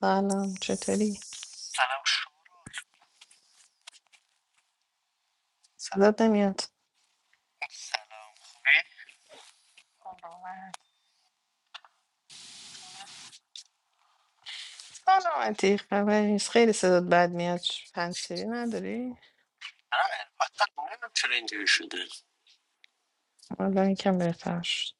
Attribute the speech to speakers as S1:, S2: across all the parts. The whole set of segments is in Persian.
S1: سلام چطوری؟
S2: سلام شورا
S1: صدات نمیاد
S2: سلام خوبی؟
S1: سلامت
S2: سلام
S1: سلامتی خبری نیست خیلی صدات بد میاد پنسیری نداری؟
S2: البته نمیدونم چرا اینجوری شده
S1: حالا یکم بهتر شد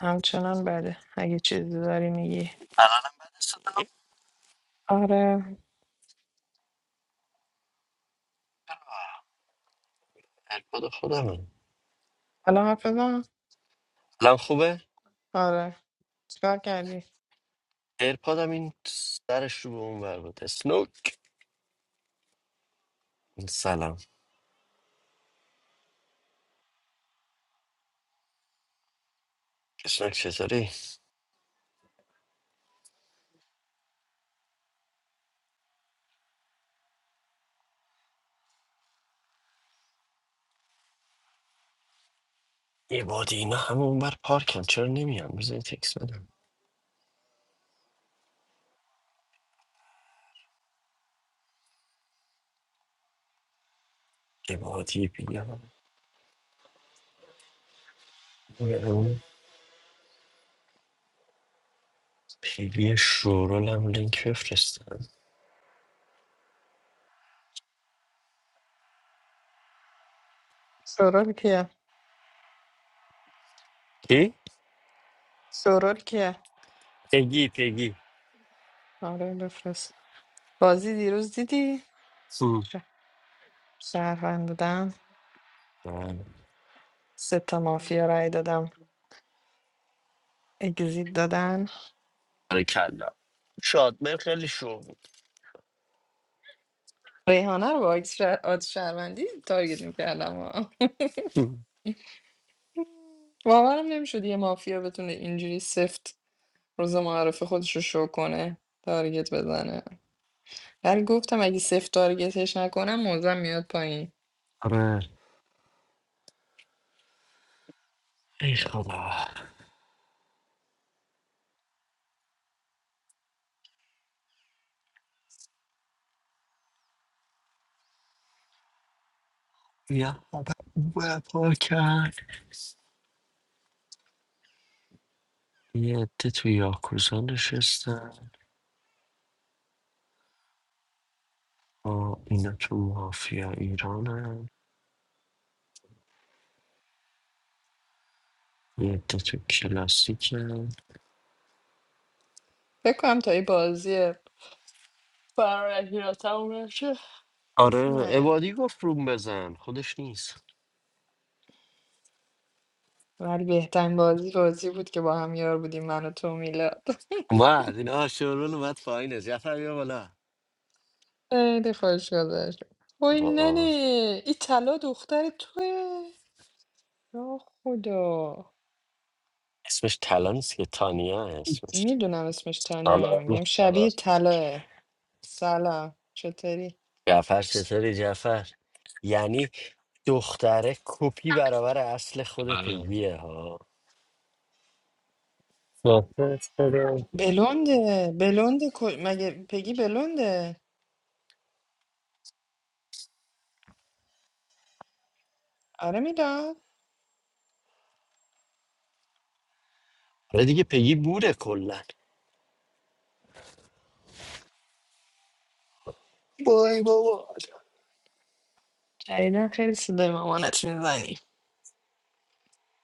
S1: همچنان بده اگه چیزی داری میگی
S2: الانم بعد صدا
S1: آره
S2: ایرپاد خودمه
S1: حالا حرف بزن؟
S2: الان خوبه؟
S1: آره چیکار کردی؟
S2: ایرپادم این سرش رو به اون بر بود اسنوک سلام اسنوک چطوری؟ عبادی اینا همه اونور پارکن چرا نمیان بذار یه تکس بدم عبادی بیام به اون پیوی شورول هم لینک بفرستن
S1: سرور کیه؟
S2: کی؟
S1: سرور کیه؟
S2: پگی پگی
S1: آره بفرست بازی دیروز دیدی؟
S2: هم.
S1: ش- شهروند بودن
S2: بله.
S1: سه تا مافیا رای دادم اگزیت دادن
S2: آره کلا شادمر خیلی شور بود
S1: ریحانه رو با عکس شهر... آد شهروندی تارگت میکردم
S2: هم.
S1: باورم نمیشد یه مافیا بتونه اینجوری سفت روز معرفه خودش رو شو کنه تارگت بزنه ولی گفتم اگه سفت تارگتش نکنم موزم میاد پایین
S2: آره ای خدا یا بابا و پاکن یه عده تو یاکوزا نشستن با اینا تو مافیا ایرانن یه عده تو کلاسیکن
S1: فکر کنم تا این بازی فرارکی را تموم نشه کسی
S2: آره
S1: نیاد
S2: عبادی گفت روم بزن خودش نیست
S1: ولی بهترین بازی بازی بود که با هم یار بودیم من و تو و میلاد
S2: اومد اینا شورون اومد پایینه جعفر بیا بالا
S1: خیلی خوش گذشت وای ننه
S2: با
S1: این طلا دختر توه یا خدا
S2: اسمش طلا نیست که تانیا اسمش
S1: میدونم اسمش تانیه
S3: سلام
S1: میگم
S3: سلام
S1: شبیه طلاه سلام چطوری
S2: جعفر چطوری جعفر یعنی دختره کپی برابر اصل خود
S3: سلام.
S2: پگیه ها
S3: خدا خدا.
S1: بلونده بلونده کو- مگه پگی بلونده آره میلاد
S2: آره دیگه پگی بوره کلا بای بابا
S1: جدیدن خیلی صدای مامانت میزنی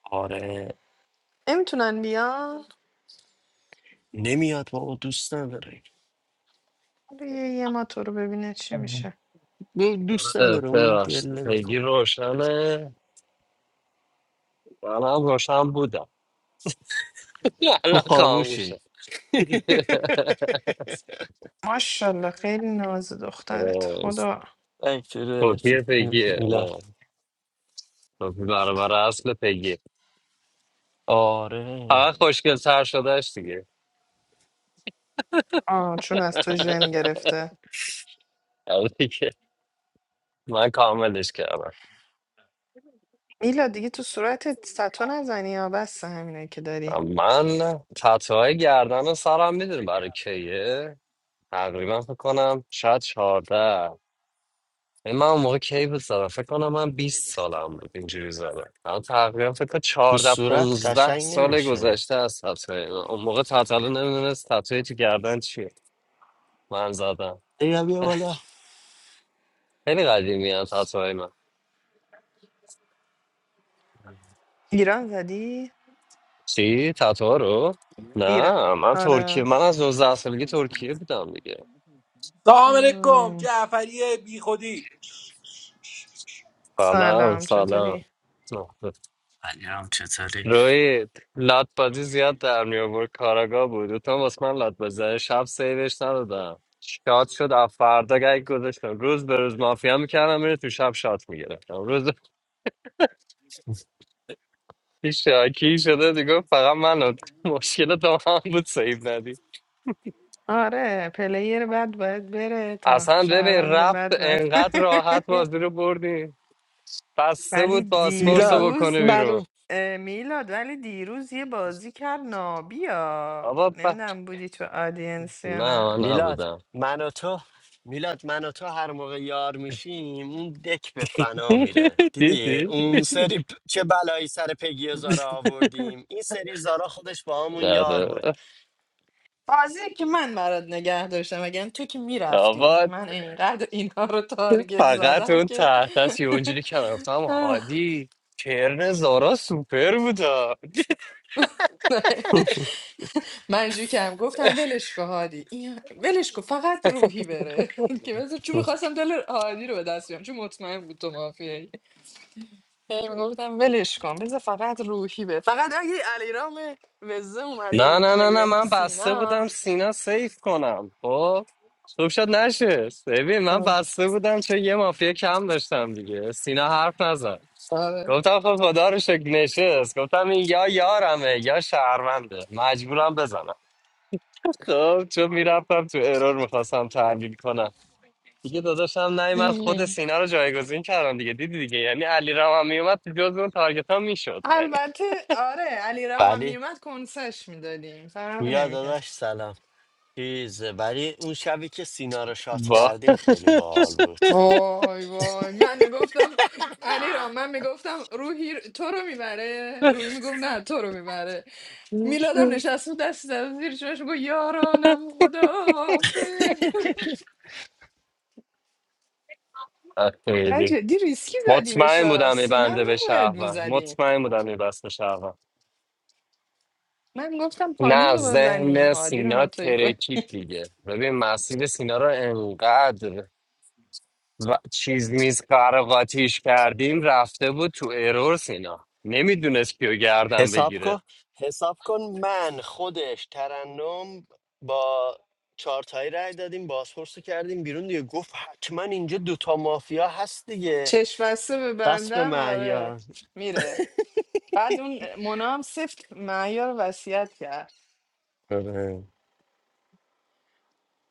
S2: آره
S1: نمیتونن بیان
S2: نمیاد بابا دوست نداره
S1: حالا یه یه ما تو رو ببینه چی میشه
S2: دو- دوست
S3: آره،
S2: نداره اون ول
S3: ببخشید پیگی
S2: نمیکنه
S3: روشنه منم روشن بودم
S2: تو
S3: الان خاموشه
S2: خاموشی
S1: ماشاءالله خیلی ناز دخترت
S3: آره،
S1: خدا
S2: ای چرا؟ چی-
S3: کپی پیگیه آره.
S2: میلاد
S3: کپی برابر اصل پیگی
S2: آره
S3: فقط خوشگل تر شدهش دیگه
S1: آه چون از تو ژن گرفته
S3: آره دیگه. من کاملش کردم
S1: میلا دیگه تو صورتت ستو نزنی یا بس همینه که داری
S3: من تطوهای گردن و سرم میدونی برای کیه تقریبا فکر کنم شاید 14 یعنی من اون موقع کی بود زدم فکر کنم من 20 سالم بود اینجوری زدم الان تقریبا فکر کنم
S2: تو
S3: 14
S2: صورت
S3: 15
S2: قشنگ
S3: سال
S2: نمیشه
S3: گذشته از تتوی اون موقع تتلو نمیدونست تتوی تو گردن چیه من زدم
S2: بیا بیا بالا
S3: خیلی قدیمی هم تتوی من
S1: ایران زدی
S3: چی؟ تتو رو؟
S1: ایران
S3: نه من ترکیه
S1: آره
S3: من از 19 سالگی ترکیه بودم دیگه
S4: سلام علیکم
S1: آه.
S4: جعفری بی خودی
S3: سلام
S1: سلام چطوری
S3: سلام
S2: علیرام چطوری
S3: روی لاتبازی زیاد در می آورد کاراگاه بود دوتا واسه من لات بزنه شب سیوش ندادم شاد شد از فردا گگ گذاشتم روز به روز مافیا میکردم میره تو شب شات میگرفتم روز پیش شاکی شده دیگه گفت فقط من مشکل تو هم بود سیو ندی
S1: آره پلیر بد باید بره تا
S3: اصلا ببین
S1: شهروند
S3: رفت
S1: بد بد
S3: انقدر راحت بازی رو بردی بسته
S1: ولی
S3: بود پاسپورت
S2: میلاد
S3: رو
S1: دیروز
S3: بکنه بیرون
S2: منو
S1: اه، میلاد ولی دیروز یه بازی کرد نابیا
S3: آبا ب...
S1: نمیدونم بودی تو آدینس یا
S3: نه من
S1: نه
S2: میلاد
S3: نبودم
S2: من و تو میلاد من و تو هر موقع یار میشیم اون دک به فنا میره دیدی
S3: دیدی
S2: اون سری پ- چه بلایی سر پگی و زارا آوردیم این سری زارا خودش با همون یار
S3: آره
S2: بود
S1: بازی که من برات نگه داشتم اگر تو که میرفتی
S3: آقا
S1: من اینقدر اینها رو
S3: که
S1: تارگت
S3: فقط
S1: زدم
S3: اون
S1: که
S3: تحت است یه اونجوری که من گفتم هادی کرن زارا سوپر بودا
S1: من اینجوری کردم گفتم ولش کن هادی این ولش کن فقط روحی بره که بذار چون میخواستم دل هادی رو به دست بیارم چون مطمئن بود تو مافیایی هی گفتم ولش کن بذار فقط روحی بره فقط اگه علیرام وزه اومده
S3: نه
S1: بود
S3: نه نه نه
S1: جای
S3: من بسته
S1: سینا
S3: بودم سینا سیف کنم خب خوب شد نشست ببین من
S1: آه،
S3: بسته بودم چون یه مافیا کم داشتم دیگه سینا حرف نزد
S1: آره
S3: گفتم خب خدا رو شکر نشست گفتم این یا یارمه یا شهرونده مجبورم بزنم خب چون میرفتم تو ارور میخواستم تحلیل کنم دیگه داداشم نیومد خود سینا رو جایگزین کردم دیگه دیدی دیگه یعنی علی رام هم میومد تو جز اون تارگت ها میشد
S1: البته آره علیرام هم
S2: ولی
S1: میومد کنسش میدادیم فرق
S2: گویا
S1: نمیکرد
S2: داداش سلام چیزه ولی اون شبی که سینا رو شات
S3: با
S2: کردیم خیلی باحال بود
S1: وای وای من میگفتم علی را من میگفتم روحی تو رو میبره روحی میگفت نه تو رو میبره میلادم نشست بود دست زد زیر چشمش گفت یارانم خداحافظ من
S3: خیلی
S1: جدی ریسکی زدیمش
S3: مطمئن
S1: ها.
S3: بودم
S1: سینا رو
S3: میبنده به
S1: نباید
S3: شهروند
S1: میزدیم
S3: مطمئن بودم میبست به شهروند
S1: من گفتم پانیز
S3: نه
S1: رو بزنیم
S3: ذهن
S1: هادی رو
S3: سینا
S1: ناتوی کنیم
S3: ترکید دیگه ببین مسیر سینا رو انقدر و چیز میز قرقاتیش کردیم رفته بود تو ارور سینا نمیدونست کیو گردم
S2: حساب
S3: بگیره
S2: کن حساب کن من خودش ترنم با چارتایی رای دادیم بازپرس رو کردیم بیرون دیگه گفت حتما اینجا دوتا مافیا هست دیگه
S1: چشم بسته به
S2: بس به
S1: بندم آره
S2: معیار
S1: میره بعد اون مونا هم سفت معیار رو وصیت کرد
S2: آره.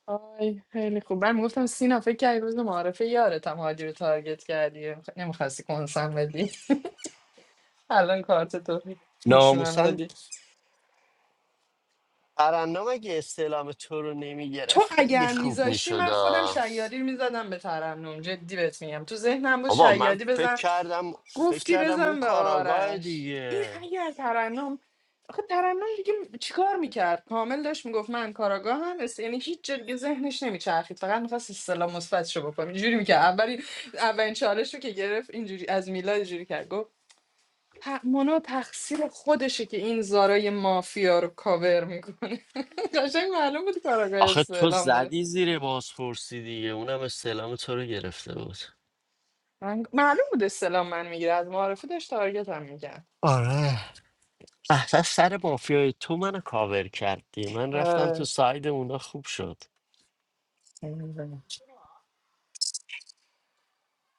S1: آی خیلی خوب من گفتم سینا فکر کردی روز معارفه یارتم هادی رو تارگت کردی نمیخواستی کنسم بدی الان کارت تو نشونم
S2: ناموسن
S1: دادی
S2: ترنم اگه استعلام تو رو
S1: تو
S2: نمیگرفت خیلی
S1: اگر
S2: خوب
S1: میذاشتی
S2: میشد
S1: من خودم شیادی رو میزدم به ترنم جدی بهت میگم تو ذهنم بود
S2: بابا من
S1: شیادی
S2: فکر
S1: بزن
S2: کردم فکر
S1: گفتی
S2: کردم اون
S1: بزن به
S2: کاراگاه
S1: آرش این
S2: دیگه
S1: اگر ترنم آخه ترنم دیگه چیکار میکرد کامل داشت میگفت من کاراگاهم اس- یعنی هیچ جا دیگه ذهنش نمیچرخید فقط میخواست اصطلاح مثبتشو بکنه اینجوری میکرد اولی اولین چالش رو که گرفت اینجوری از میلاد اینجوری کرد گفت ت- مونا تقصیر خودشه که این زارای مافیا رو کاور میکنه قشنگ معلوم بود کاراگاه
S2: آخه تو
S1: استعلام داره
S2: زدی زیر بازپرسی دیگه اونم استعلام تو رو گرفته بود
S1: من معلوم بود استلام من میگیره از معارفه داشت تارگت هم میگن
S2: آره اصلا سر مافیای تو منو کاور کردی من رفتم تو
S1: آره
S2: ساید اونا خوب شد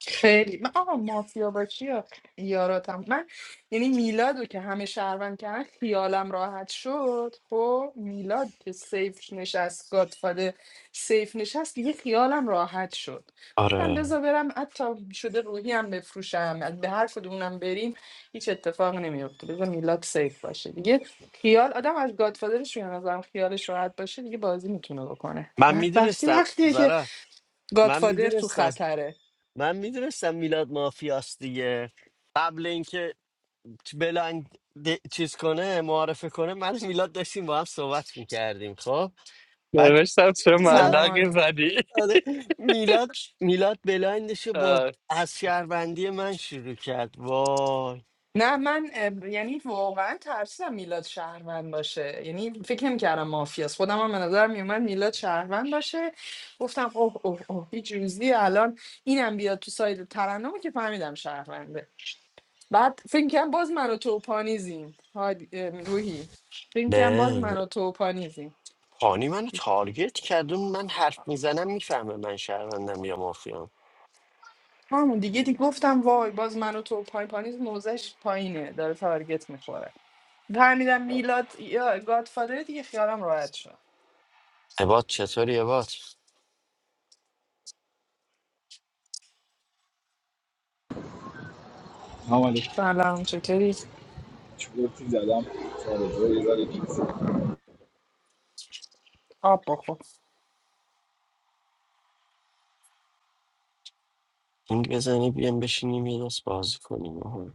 S1: خیلی من آقا مافیا با چیا یاراتم من یعنی میلاد رو که همه شهروند کردن خیالم راحت شد خب میلاد که سیف نشست گادفاده سیف نشست دیگه خیالم راحت شد گفتم
S2: آره
S1: بذار برم حتی شده روحی هم بفروشم از- به هر کدومونم بریم هیچ اتفاق نمیفته بذار میلاد سیف باشه دیگه خیال آدم از گادفادرش به نظرم خیالش راحت باشه دیگه بازی میتونه بکنه
S2: من
S1: بعد وقتی
S2: میدونستم
S1: وقتیه که
S2: زارا من
S1: گادفادر تو
S2: میدونستم
S1: خطره
S2: من میدونستم میلاد مافیاست دیگه قبل اینکه ت- بلایند د- چیز کنه معارفه کنه من و میلاد داشتیم با هم صحبت میکردیم خب بعد
S3: نوشتم چه
S2: میلاد
S1: سلام
S3: ملقی زدی
S2: آره میلاد میلاد بلایندش رو با
S3: Uh,
S2: از شهروندی من شروع کرد وای
S1: نه من اه، یعنی واقعا ترسیدم میلاد شهروند باشه یعنی فکر نمیکردم مافیاست خودم هم به نظر میومد میلاد شهروند باشه گفتم اوه اوه اوه هیچ روزی الان اینم بیاد تو ساید ترنم که فهمیدم شهرونده بعد فکر کنم باز من و تو پانیزیم هادی- اه، روحی فکر کنم باز
S2: نه
S1: من و تو پانیزیم
S2: پانی منو تارگت کرد اون من حرف میزنم میفهمه من شهروندم یا مافیام
S1: همون دیگه دیگه گفتم وای باز من و تو پای پانیز موزش پایینه داره تارگت میخوره فهمیدم میلاد یا گادفادر دیگه خیالم راحت شد
S2: عباد چطوری عباد
S5: سلام علیکم
S1: سلام چطوری
S5: چوبتی زدم سارا جو یه ذره گیر.
S1: آب بخور
S2: این بزنی بیام بشینیم یه دست بازی کنیم آها.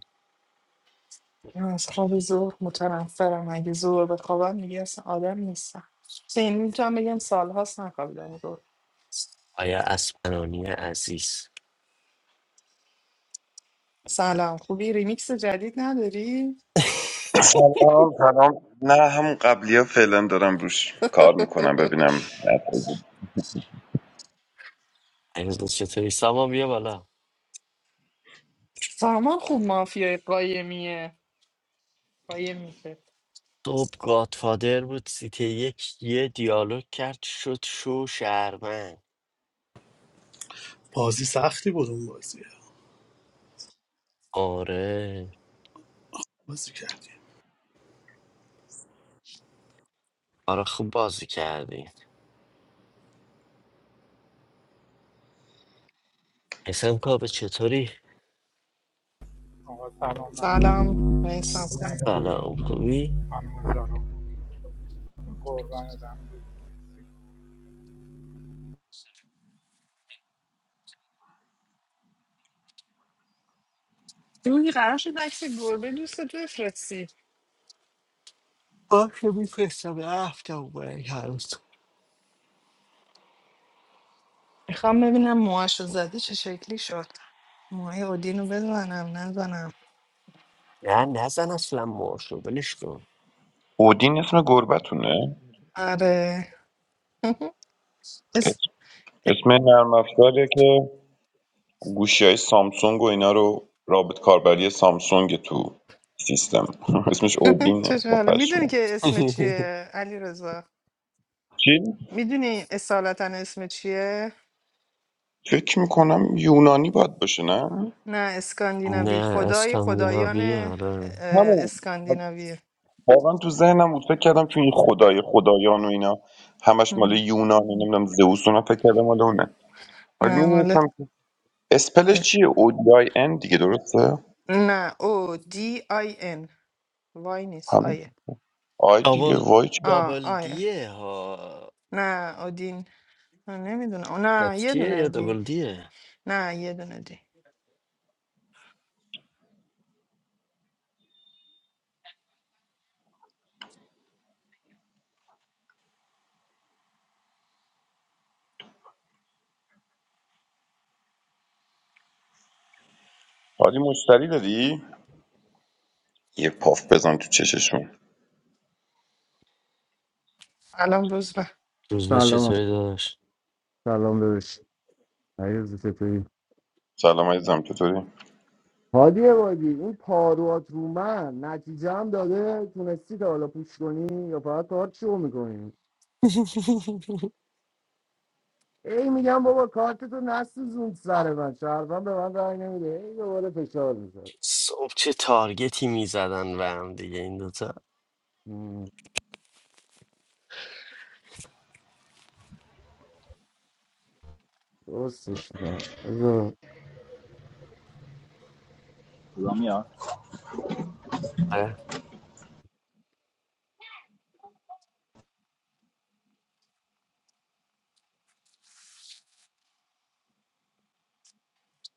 S1: من از خواب زور متنفرم اگه زور بخوابم میگه اصلا آدم نیستم سین میتونم بگم سالهاست نخوابیدم زور
S2: آیا اسپنانی عزیز
S1: سلام خوبی ریمیکس جدید نداری
S6: سلام سلام نه هم قبلی ها فعلا دارم روش کار میکنم ببینم
S2: عزیز چطوری سامان بیا بالا
S1: سامان خوب مافیای قایمیه قایم میشه
S2: صبح گادفادر بود سیته یک یه دیالوگ کرد شد شو شهروند
S7: بازی سختی بود اون بازی
S2: آره
S7: بازی کردی
S2: آره خوب بازی کردی حسن کابه چطوری
S8: I was alone.
S1: سلام میسم
S8: I'm
S1: خوبی
S8: not lonely.
S2: سلام خوبی
S8: I'm not alone. I'm going to die.
S1: دوی قرار شد عکس گربه دوستت بفرستی
S2: باشه میفرستم هفته اومد
S1: میخوام ببینم موهاشو زدی چه شکلی شد موهای اودین رو بزنم نزنم
S2: نه نزن اصلا مارشو ولش کن
S6: اودین اسم گربتونه
S1: آره
S6: اسم
S1: اس-
S6: اسم نرم افزاریه که گوشی های سامسونگ و اینا رو رابط کاربری سامسونگ تو سیستم اسمش اودینه
S1: چشم
S6: با
S1: حالا میدونی
S6: پشمه
S1: که اسم چیه علی رضا
S6: چی؟
S1: میدونی اصالتا اسم چیه
S6: فکر میکنم یونانی باید باشه نه؟
S1: نه اسکاندیناوی
S2: نه
S1: خدای خدایان
S2: اسکاندیناویه
S1: اه،
S2: آره
S6: همون
S1: اسکاندیناویه
S6: واقعا تو ذهنم بود فکر کردم تو این خدای خدایان و اینا همش مال
S1: هم.
S6: یونانه نمیدونم زئوس و اینا فکر کردم مال اونه ولی
S1: نه ماله
S6: میدونستم اسپلش
S1: اه.
S6: چیه ODIN دیگه درسته
S1: نه او دی آی ان وای نیست
S6: همین
S1: آیه
S6: آی دیگه
S2: دابل
S6: وای چی
S1: آ
S2: دابل
S1: آیه
S2: دیه ها
S1: نه اودین نمیدونه نه یه
S2: تکچیه
S1: دونه
S2: یا
S1: دی
S2: دابل دیه
S1: نه یه دونه دی
S6: حالی مشتری داری یه پاف بزن تو چششون
S1: الان بزرگ
S2: روز به
S9: سلام
S2: چطوری داشت
S9: سلام داداش عزیز چطوری
S6: سلام عزیزم چطوری
S9: هادی عبادی این پاروات رو من نتیجه هم داده تونستی تا حالا پوش کنی یا فقط کارت شو میکنی ای میگم بابا کارت تو نسوزون سر من شهروند به من رای نمیده ای دوباره فشار میذاره
S2: صبح چه تارگتی میزدن و هم دیگه این دوتا
S9: مم، درستش نه بذار.
S5: صدا میاد
S2: آره.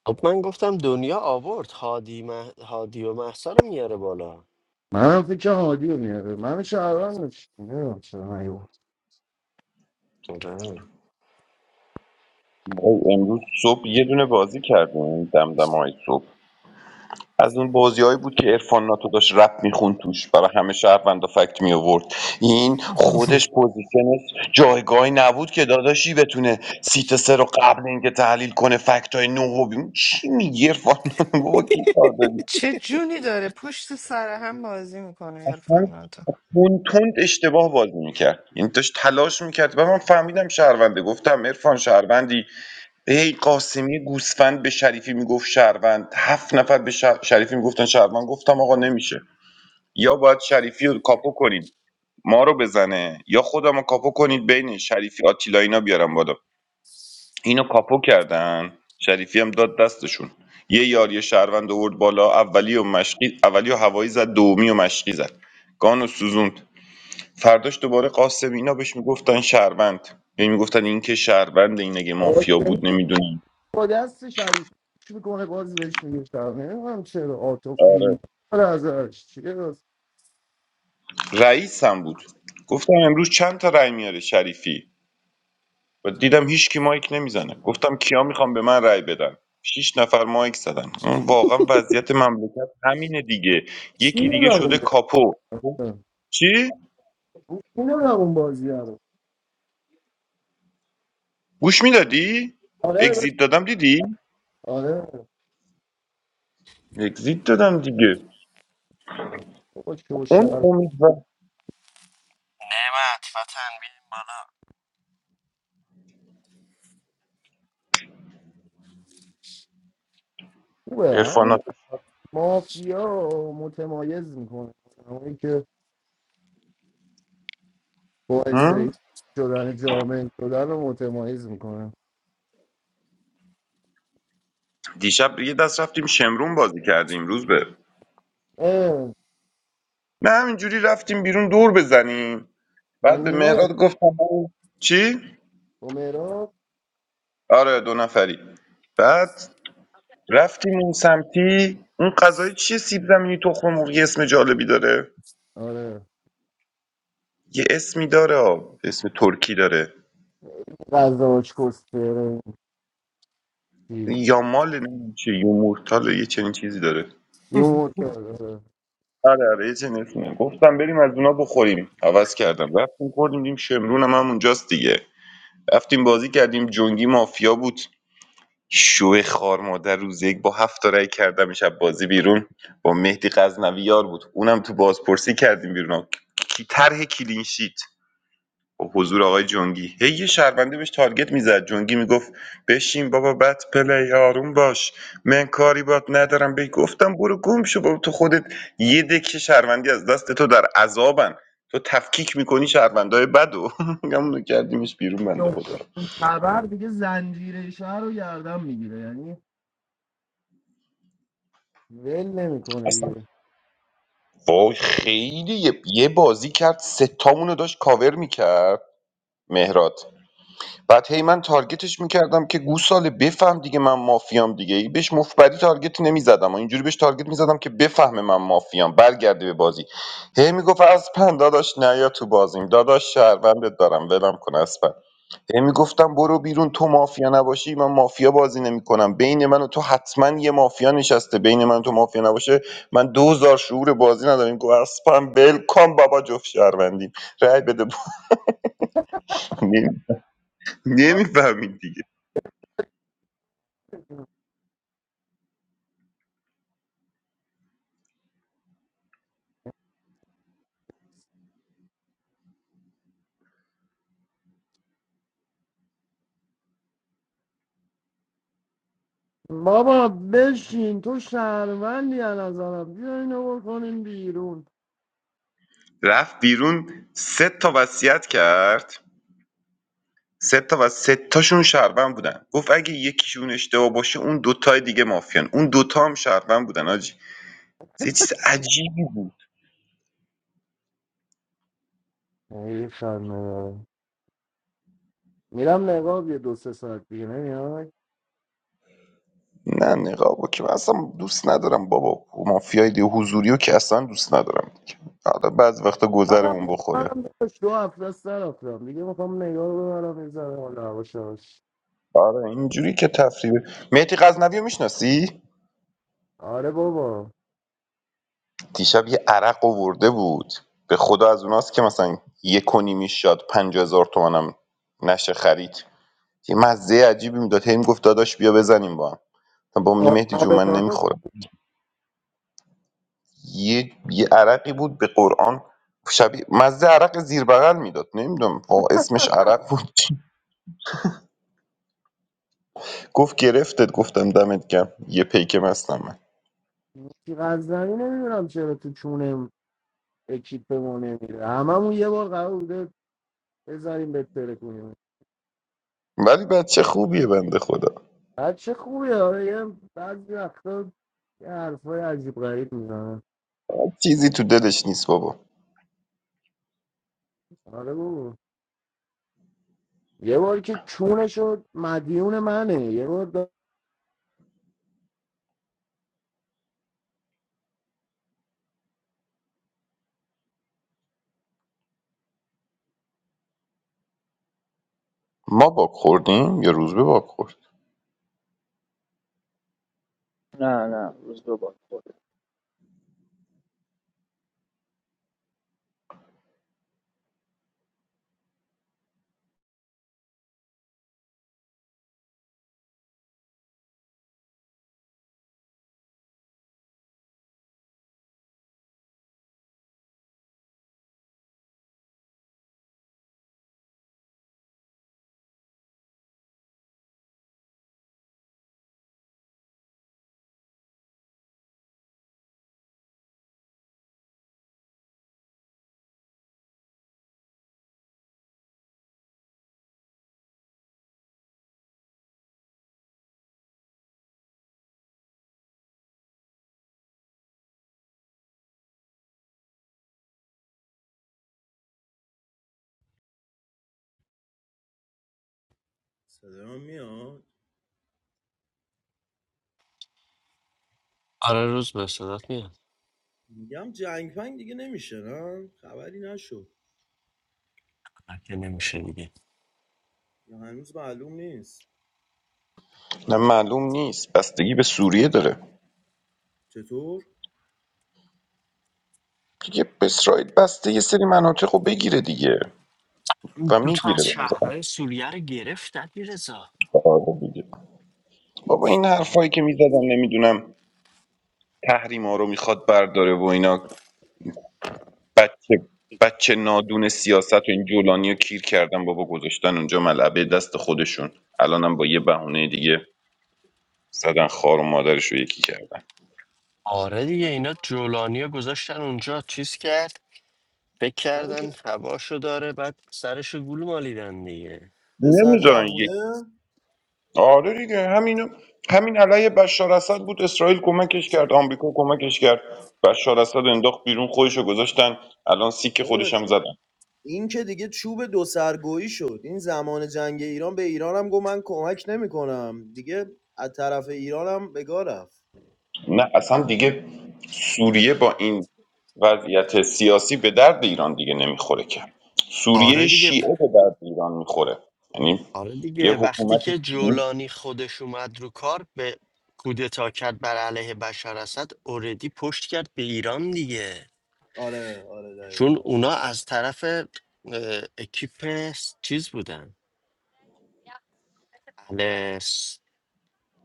S2: خب من گفتم دنیا آورد هادی, مه... هادی و محسا رو میاره بالا
S9: منم فکر هادی رو میاره من شهروند داشت نمیدونم چرا نیورد
S2: آره
S6: وای امروز صبح یه دونه بازی کردیم دمدم های صبح از اون بازیهایی بود که ارفان ناتو داشت رپ میخون توش برای همه شهروندا فکت می آورد این خودش پوزیشنش جایگاهی نبود که داداشی بتونه سیت سه رو قبل اینکه تحلیل کنه فکت های نو چی میگی ارفان بابا کی
S1: چه جونی داره پشت سر هم بازی میکنه
S6: اصلا
S1: عرفان ناتو
S6: تند تند اشتباه بازی میکرد یعنی داشت تلاش میکرد و من فهمیدم شهرونده گفتم عرفان شهروندی هی قاسمی گوسفند به شریفی میگفت شهروند هفت نفر به شه- شریفی میگفتن شهروند گفتم آقا نمیشه یا باید شریفی رو کاپو کنیم ما رو بزنه یا خودم رو کاپو کنید بین شریفی آتیلا اینا بیارم بالا اینو کاپو کردن شریفی هم داد دستشون یه یاری شهروند آورد بالا اولی و مشقی اولی و هوایی زد دومی و مشقی زد گانو سوزوند فرداش دوباره قاسم اینا بهش میگفتن شهروند یعنی میگفتن این که شهروند این اگه مافیا
S9: آسمی
S6: بود نمیدونم
S9: با دست شریف پوش میکنه باز بهش میگه شهروند نمیدونم چرا آتو فیلی
S6: آره
S9: ازش چیه
S6: رئیس هم بود گفتم امروز چند تا رأی میاره شریفی و دیدم هیچ کی مایک نمیزنه گفتم کیا میخوام به من رأی بدن شیش نفر مایک زدن اون واقعا وضعیت مملکت همینه دیگه یکی
S9: اینو
S6: دیگه
S9: روون
S6: شده کاپو
S9: بازی
S6: چی
S9: اینو روون بازی رو
S6: گوش میدادی
S9: آره داشت
S6: اگزییت دادم دیدی
S9: آره
S6: اگزییت دادم دیگه
S9: بابا شو
S6: اون
S9: شهر
S6: امید و
S2: نعمت وطن بیا
S9: خوبه همین
S6: عرفانات
S9: مافیا رو متمایز میکنه اونایی که باعث شدن جامعه شدن رو متمایز میکنه
S6: دیشب یه دست رفتیم شمرون بازی کردیم روز به
S9: اه،
S6: نه همینجوری رفتیم بیرون دور بزنیم
S9: با
S6: بعد به
S9: نیما
S6: مهراد
S9: رفت
S6: گفتم برو. چی؟
S9: با مهراب
S6: آره دو نفری بعد رفتیم اون سمتی اون غذای چیه سیب زمینی تخم مرغ یه اسم جالبی داره
S9: آره
S6: یه اسمی داره آه. اسم ترکی داره
S9: غذاش کسکره چیز
S6: یامال نه چی یومورتال یه چنین چیزی داره
S9: یه موتور
S6: آره آره یه چنین اسمی گفتم بریم از اونا بخوریم عوض کردم رفتیم خوردیم دیم شمرون هم, هم اونجاست دیگه رفتیم بازی کردیم جنگی مافیا بود شو خار مادر روز یک با هفت تا رای کردمش از بازی بیرون با مهدی غزنوی یار بود اونم تو بازپرسی کردیم بیرون کی طرح کلین شیت با حضور آقای جنگی هی یه شهرونده بهش تارگت میزد جنگی میگفت بشین بابا بد پلی آروم باش من کاری بات ندارم بهی گفتم برو گم شو بابا تو خودت یه دکه شهروندی از دست تو در عذابن تو تفکیک میکنی شهروندهای بدو. و همونو کردیمش بیرون بنده خدا رو.
S9: خبر دیگه زنجیره شهر رو گردن میگیره یعنی ول نمیکنه
S6: اصلا
S9: دیگه
S6: وای خیلی یه یه بازی کرد سه تامونو داشت کاور میکرد مهراد بعد هی من تارگتش میکردم که گوساله بفهم دیگه من مافیام دیگه ای بهش مفبری تارگتی نمیزدم و اینجوری بهش تارگت میزدم که بفهمه من مافیام برگرده به بازی هی میگفت اسپن داداش نیا تو بازیم داداش شهروندت دارم ولم کن اسپن هی میگفتم برو بیرون تو مافیا نباشی من مافیا بازی نمیکنم بین من و تو حتما یه مافیا نشسته بین من و تو مافیا نباشه من دوزار شعور بازی ندارم این گوهرسپم ول کن بابا جفت شهروندیم رای بده نمیفهمید دیگه
S9: بابا بشین تو شهروندی از نظرم بیا اینو بکنیم بیرون
S6: رفت بیرون سه تا وصیت کرد سه تا و سه تاشون شهروند بودن گفت اگه یکیشون اشتباه باشه اون دوتای دیگه مافیان اون دوتا هم شهروند بودن آجی یه چیز عجیبی بود
S9: ای خنده میرم نقاب یه دو سه ساعت دیگه نمیای
S6: نه نقابو که من اصلا دوست ندارم بابا مافیای دیگه حضوریو که اصلا دوست ندارم دیگه حالا بعض وقتا گذرمون
S9: منم
S6: بخوره
S9: منم داشت دو هفته است نرفتم دیگه میخوام نگاه رو ببرم این زنه حالا هواش هواش.
S6: آره اینجوری که تفریبه مهدی غزنوی رو میشناسی
S9: آره بابا
S6: دیشب یه عرق آورده بود به خدا از اوناست که مثلا یک و نیمی شاد پنج هزار تومنم نشه خرید یه مزه عجیبی میداد هی میگفت داداش بیا بزنیم با هم مثلا با من
S9: آ-
S6: مهدی جون
S9: آب
S6: من
S9: تاتا
S6: نمیخورم یه یه عرقی بود به قرآن شبیه مزه عرق زیر بغل میداد نمیدونم اسمش عرق بود گفت گرفتت گفتم دمت گم یه پیکم هستم من
S9: تیغ از نمیدونم چرا تو چونم اکیپمون نمیره هممون یه بار قرار بوده بذاریم بهتره کنیم
S6: ولی بچه خوبیه بنده خدا
S9: بچه خوبه آره یه بعضی وقتا یه حرفای عجیب غریب میزنه
S6: چیزی تو دلش نیست بابا
S9: آره بابا یه بار که چونه شد مدیون منه یه بار دا...
S6: ما باک خوردیم یا روزبه باک خورد
S10: نه نه روز دو بار خورده
S9: صدا میاد
S2: آره روز به صدات میاد
S9: میگم جنگ پنگ دیگه نمیشه نه خبری نشد
S2: آره که نمیشه دیگه
S9: یا هنوز معلوم نیست
S6: نه معلوم نیست بستگی به سوریه داره
S9: چطور
S6: دیگه به اسرائیل بسته یه سری مناطق رو بگیره دیگه
S2: این
S6: و
S2: دوتا از
S6: میگیره به نظرم
S2: شهرهای سوریه رو گرفت علیرضا
S6: آره دیگه. بابا این حرفایی که میزدن نمیدونم تحریما رو میخواد برداره و اینا بچه بچه نادون سیاست و این جولانی رو کیر کردن بابا گذاشتن اونجا ملعبه دست خودشون الانم با یه بهونه دیگه زدن خار و مادرش رو یکی کردن
S2: آره دیگه اینا جولانیا گذاشتن اونجا چیز کرد فکر
S9: همین
S2: کردن
S9: پ-
S2: هواشو داره بعد سرشو گول مالیدن دیگه
S9: پسر
S6: نمیذارن یک
S9: جوونه
S6: آره دیگه همینو همین علیه بشار اسد بود اسرائیل کمکش کرد آمریکا کمکش کرد بشار اسد انداخت بیرون خودش رو گذاشتن الان سیک خودش
S9: داداش،
S6: هم زدن
S9: این که دیگه چوب دو سرگویی شد این زمان جنگ ایران به ایران هم گفت من کمک نمیکنم دیگه از طرف ایران هم به گاه رفت
S6: نه اصلا دیگه سوریه با این وضعیت سیاسی به درد ایران دیگه نمیخوره که سوریه
S2: آره دیگه
S6: شیعه به درد ایران میخوره یعنی
S2: آره
S6: یه
S2: دیگه وقتی
S6: حکومت
S2: که
S6: شیعه
S2: جولانی خودش اومد رو کار به کودتا کرد بر علیه بشار اسد اوردی پشت کرد به ایران دیگه
S9: آره آره
S2: چون
S9: دقیقا
S2: اونا از طرف اه، اکیپ چیز بودن اهل س-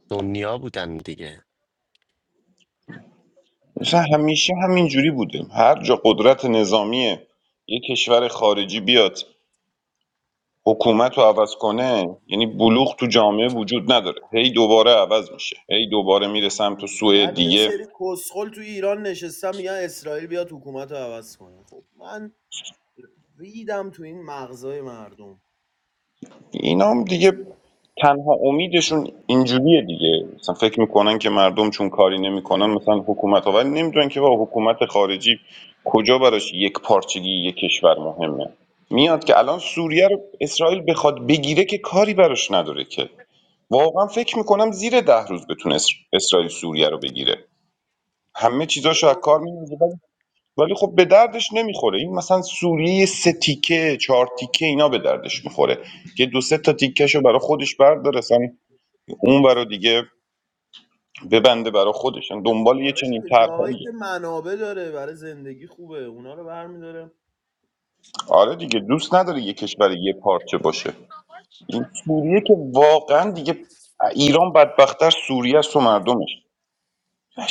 S2: دنیا بودن دیگه
S6: مثلا همیشه همینجوری بوده هر جا قدرت نظامی یه کشور خارجی بیاد حکومت رو عوض کنه یعنی بلوغ تو جامعه وجود نداره هی دوباره عوض میشه هی دوباره میره سمت سوی
S9: بعد یه
S6: دیگه
S9: سری کسخل تو ایران نشستم میگن اسرائیل بیاد حکومت رو عوض کنه خب من ریدم تو این مغزای مردم
S6: اینا هم دیگه تنها امیدشون اینجوریه دیگه مثلا فکر میکنن که مردم چون کاری نمیکنن مثلا حکومت ها ولی نمیدونن که با حکومت خارجی کجا براش یک پارچگی یک کشور مهمه میاد که الان سوریه رو اسرائیل بخواد بگیره که کاری براش نداره که واقعا فکر میکنم زیر ده روز بتونه اسر- اسرائیل سوریه رو بگیره همه
S9: آره
S6: چیزاشو از کار
S9: بابا
S6: میندازه ولی خب به دردش نمیخوره این مثلا سوریه سه تیکه چهار تیکه اینا به دردش میخوره که دو سه تا تیکهشو برا خودش برداره اصلا اون برا دیگه ببنده برا خودش یعنی دنبال یه
S9: آره
S6: چنین
S9: دیگه جاهایی
S6: طرحی
S9: که منابع داره برای زندگی خوبه اونا رو برمیداره
S6: آره دیگه دوست نداره یه کشور یه پارچه باشه این سوریه که واقعا دیگه ایران بدبختتر سوریه است و مردمش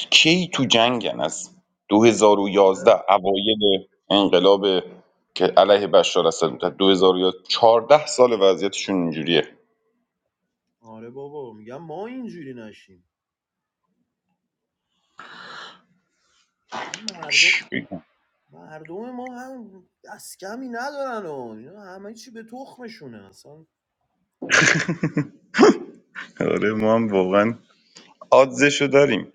S6: کی تو جنگن از 2011
S9: آره
S6: اوایل انقلاب که علیه بشار اسد بود 2014 سال وضعیتشون اینجوریه
S9: آره بابا میگم ما اینجوری نشیم این مردم مردم ما هم دست کمی ندارن و اینا همه چی به تخمشونه اصلا
S6: آره ما هم واقعا آدزشو داریم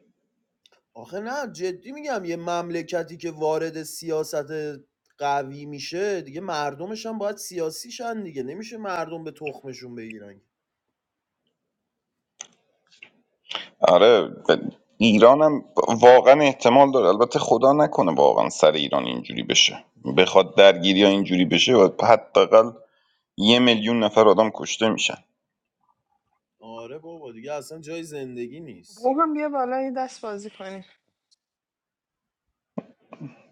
S9: آخه نه جدی میگم یه مملکتی که وارد سیاست قوی میشه دیگه مردمش هم باید سیاسی شن دیگه نمیشه مردم به تخمشون بگیرن
S6: آره و ایرانم واقعا احتمال داره البته خدا نکنه واقعا سر ایران اینجوری بشه بخواد درگیری ها اینجوری بشه و حداقل یه میلیون نفر آدم کشته میشن
S9: آره بابا دیگه اصلا جای زندگی نیست
S1: بابا بیا بالا یه دست بازی کنیم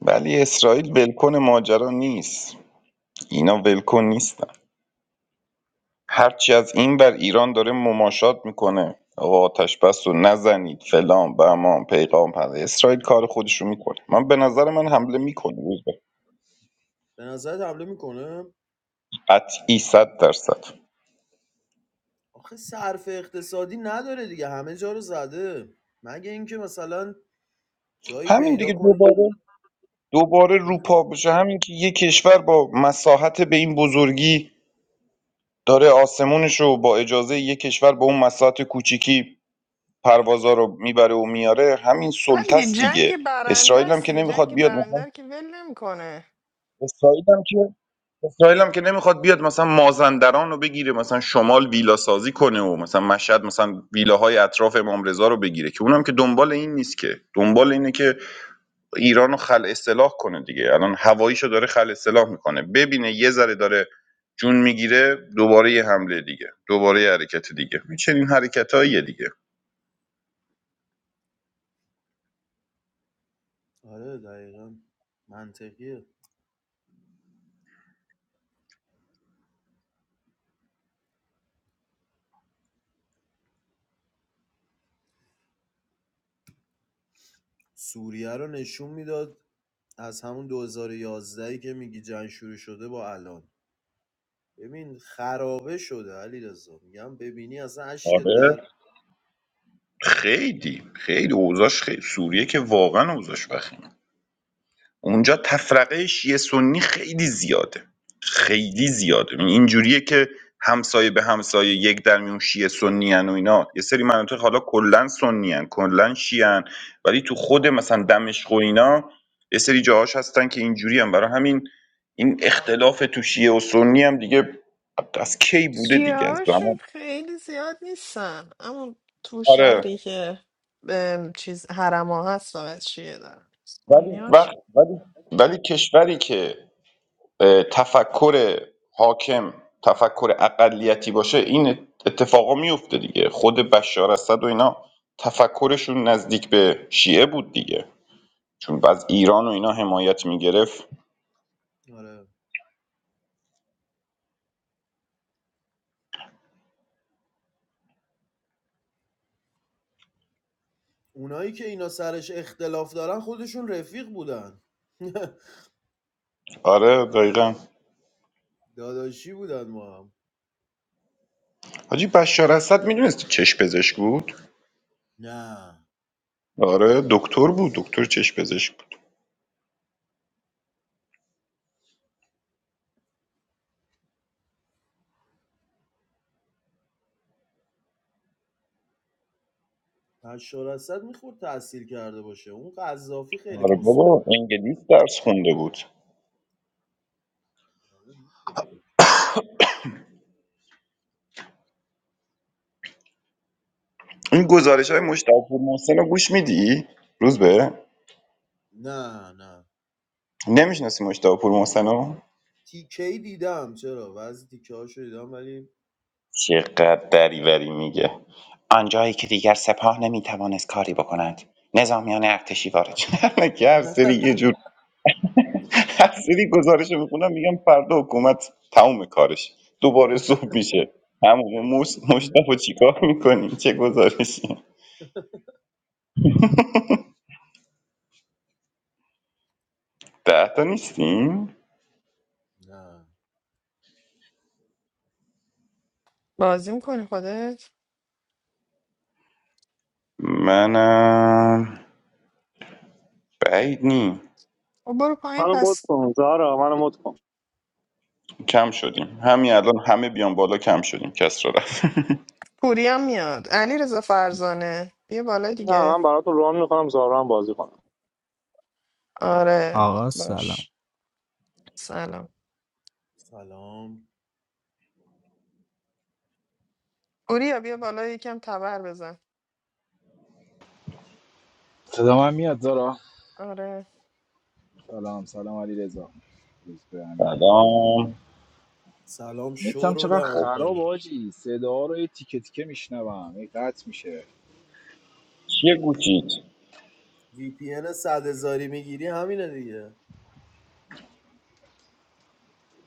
S6: ولی اسرائیل ولکن ماجرا نیست اینا ولکن نیستن هرچی از این بر ایران داره مماشات میکنه آقا آتش بس و نزنید فلان بهمان پیغام پس اسرائیل کار خودش رو میکنه من به نظر من حمله
S9: آره.
S6: میکنه
S9: به نظرت حمله میکنه
S6: قطعی صد درصد
S9: آخه صرف اقتصادی نداره دیگه همه جا رو زده مگه اینکه مثلا جایی
S6: همین
S9: پیدا
S6: دیگه
S9: کنه که
S6: دوباره دوباره
S9: هم؟
S6: روپا بشه همین که یک کشور با مساحت به این بزرگی داره آسمونش رو با اجازه یک کشور با اون مساحت کوچیکی پروازا رو میبره و میاره همین
S1: آه دیگه
S6: سلطست
S1: جنگ
S6: دیگه
S1: برنده
S6: اسرائیل هم
S1: است
S6: که
S1: دیگه
S6: نمیخواد
S1: جنگ
S6: بیاد
S1: برنده
S6: مثلا
S1: رو که ول نمیکنه
S6: اسرائیل هم که اسرائیل هم که نمیخواد بیاد مثلا مازندران رو بگیره مثلا شمال ویلا سازی کنه و مثلا مشهد مثلا ویلاهای اطراف امام رضا رو بگیره که اونم که دنبال این نیست که دنبال اینه که ایرانو رو خل اصلاح کنه دیگه الان هواییشو داره خل اصلاح میکنه ببینه یه ذره داره جون میگیره دوباره یه حمله دیگه دوباره یه حرکت دیگه چنین حرکتاییه دیگه
S9: آره دقیقا منطقیه سوریه رو نشون میداد از همون 2011 که میگی جنگ شروع شده با الان ببین خرابه شده علی میگم ببینی اصلا اشکت
S6: آره
S9: در
S6: خیلی خیلی اوضاعش خیلی سوریه که واقعا اوضاعش وخیم اونجا تفرقه شیعه سنی خیلی زیاده خیلی زیاده یعنی اینجوریه که همسایه به همسایه یک در میون شیعه سنی ان و اینا یه سری مناطق حالا کلا سنی ان کلا شیعه ان. ولی تو خود مثلا دمشق و اینا یه سری جاهاش هستن که اینجوری هم برای همین این اختلاف تو شیعه و سنی هم دیگه از کی بوده دیگه از
S1: هاشون
S6: زمان
S1: خیلی زیاد نیستن اما تو
S6: آره
S1: شهری که ام، چیز حرما هست فقط چیه دارن اونیاش
S6: وقت ولی کشوری که اه، تفکر حاکم تفکر اقلیتی باشه این اتفاقا میفته دیگه خود بشار اسد و اینا تفکرشون نزدیک به شیعه بود دیگه چون از ایران و اینا حمایت میگرفت
S9: آره اونایی که اینا سرش اختلاف دارن خودشون رفیق بودن
S6: آره دقیقا
S9: داداشی بودن ما هم
S6: حاجی بشار اسد میدونست چش پزشک بود
S9: نه
S6: آره دکتر بود دکتر چش پزشک بود
S9: حشاراسد میخورد تحصیل کرده باشه اون قذافی خیلی
S6: آره
S9: کس
S6: بابا انگلیس درس خونده بود
S9: میکنه میخورد
S6: این گزارش های
S9: ترو.
S6: مشتاق پور محسن رو گوش میدی روز به
S9: نه نه
S6: نمیشناسی مشتاق پور محسن
S9: تیکه ای دیدم چرا بعضی تیکه هاشو دیدم ولی
S6: چقدر دریوری میگه آنجایی که دیگر سپاه نمیتوانست کاری بکند نظامیان ارتشی وارد شدند که هر سری یه جور هر سری گزارش رو میخونم میگم فردا حکومت تموم کارش دوباره صبح میشه همون موش مشتبه چیکار میکنیم چه گزارشی ده تا نیستیم
S9: نه
S1: بازی میکنی خودت
S6: منم بعید نی
S1: او برو پایین
S10: منو مد
S1: پس
S10: کن زارا منو مد کن
S6: کم شدیم همین الان همه بیان بالا کم شدیم کس را رفت
S1: پوری هم میاد علی رضا فرزانه بیا بالا
S10: نه
S1: دیگه
S10: من براتون ران میکنم زارا هم بازی کنم
S1: آره
S11: Assalamualaikum.
S1: باش سلام
S9: سلام
S1: پوریا بیا بالا یکم تبر بزن
S5: صدا من میاد زارا
S1: آره
S5: سلام سلام علی رضا روز به همگی
S6: سلام
S9: سلام
S5: نتم
S9: شورول
S5: چقدر
S6: خب،
S5: خراب
S9: آمپر
S5: آجی صدا رو یه تیکه تیکه میشنوم این قطع میشه
S6: چیه گوشید
S9: وی پی ان صد هزاری میگیری همینه دیگه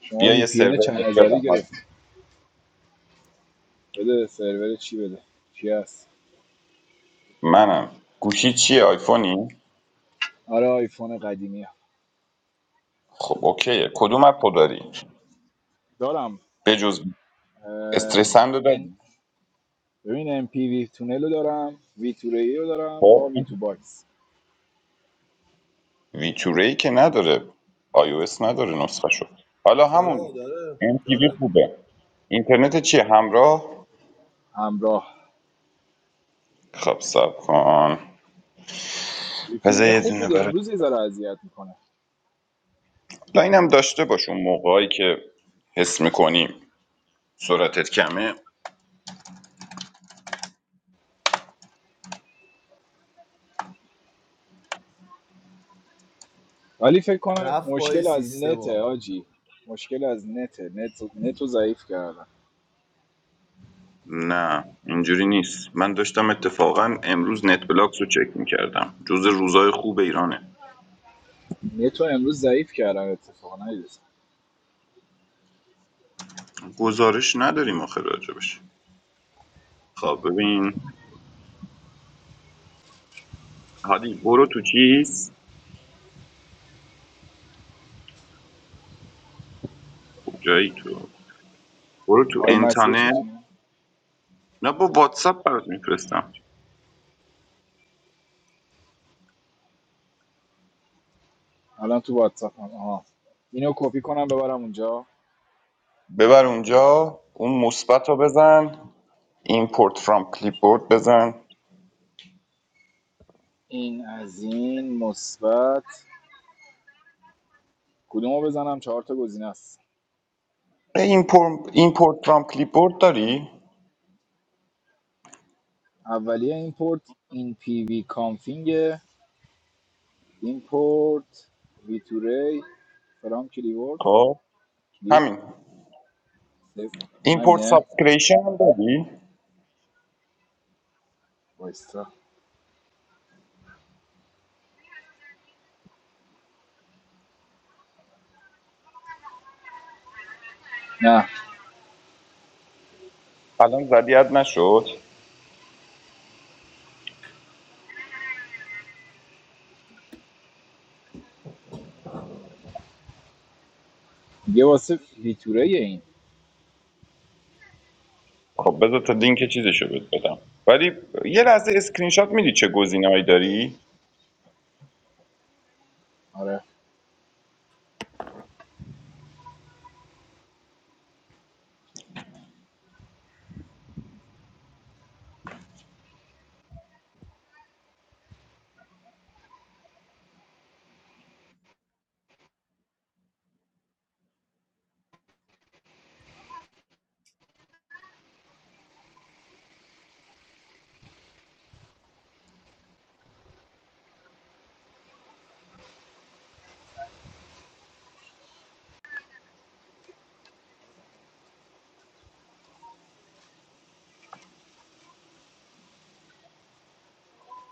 S5: شما
S6: بیا
S5: وی
S6: یه
S5: پی ان
S6: سرور
S5: چند
S6: بهت
S5: هزاری
S6: بدم حاج.
S5: گرفتی بده سرور چی بده چی هست
S6: منم گوشی چیه آیفونی
S5: آره آیفون قدیمی هم
S6: خب اوکیه کدوم اپو داری
S5: دارم
S6: بجز
S5: اه،
S6: استرسندو
S5: ان
S6: داری
S5: ببین ام پی وی تونل رو دارم وی تو ری رو دارم با
S6: خب
S5: وی تو باکس
S6: ویتوره که نداره آی او اس نداره نسخه شد حالا همون
S9: چرا داره
S6: ام پی وی
S9: داره
S6: خوبه اینترنت چیه همراه
S5: همراه
S6: خب سب کن
S5: وی پی
S6: بذار
S5: ان
S6: یه
S5: خوب
S6: دونه
S5: بوده
S6: برات
S5: امروز یه ذره اذیت میکنه
S6: حالا اینم داشته باش اون موقعی که حس میکنی سرعتت کمه
S5: ولی فکر کنم
S9: رفت پای
S5: مشکل از
S9: سیستم
S5: نته
S9: ها
S5: آجی مشکل از نته نت نتو ضعیف کردم
S6: نه اینجوری نیست من داشتم اتفاقا امروز نت بلاکس رو چک میکردم جز روزای خوب ایرانه
S5: نتو امروز ضعیف کردم اتفاقا نیدست
S6: گزارش نداریم آخر راجبش خب ببین هادی برو تو چیز کجایی تو برو تو
S5: آی مسیج
S6: انتانه
S5: میتونیم
S6: نه با واتساپ برات میفرستم
S5: الان تو واتساپ هم آها اینو کپی کنم ببرم اونجا
S6: ببر اونجا اون مثبت رو بزن ایمپورت فرام کلیپبورد بزن
S5: این از این مثبت کدومو بزنم چهار تا گزینه است
S6: ایمپورت ایمپورت فرام کلیپبورد داری
S5: اولیه ایمپورت این پی وی کانفینگ ایمپورت وی تو ری فرام کلیورد
S6: خب
S5: کلیپ
S6: همین
S5: سیف.
S6: ایمپورت
S5: همینه
S6: سابسکریشن هم داری
S5: وایستا نه
S6: الان زدیت نشد
S5: یه واسه ویتوره
S6: خب بذار تا لینک چیزشو بهت بدم ولی یه لحظه اسکرین شات میدی چه گزینه‌ای داری
S5: آره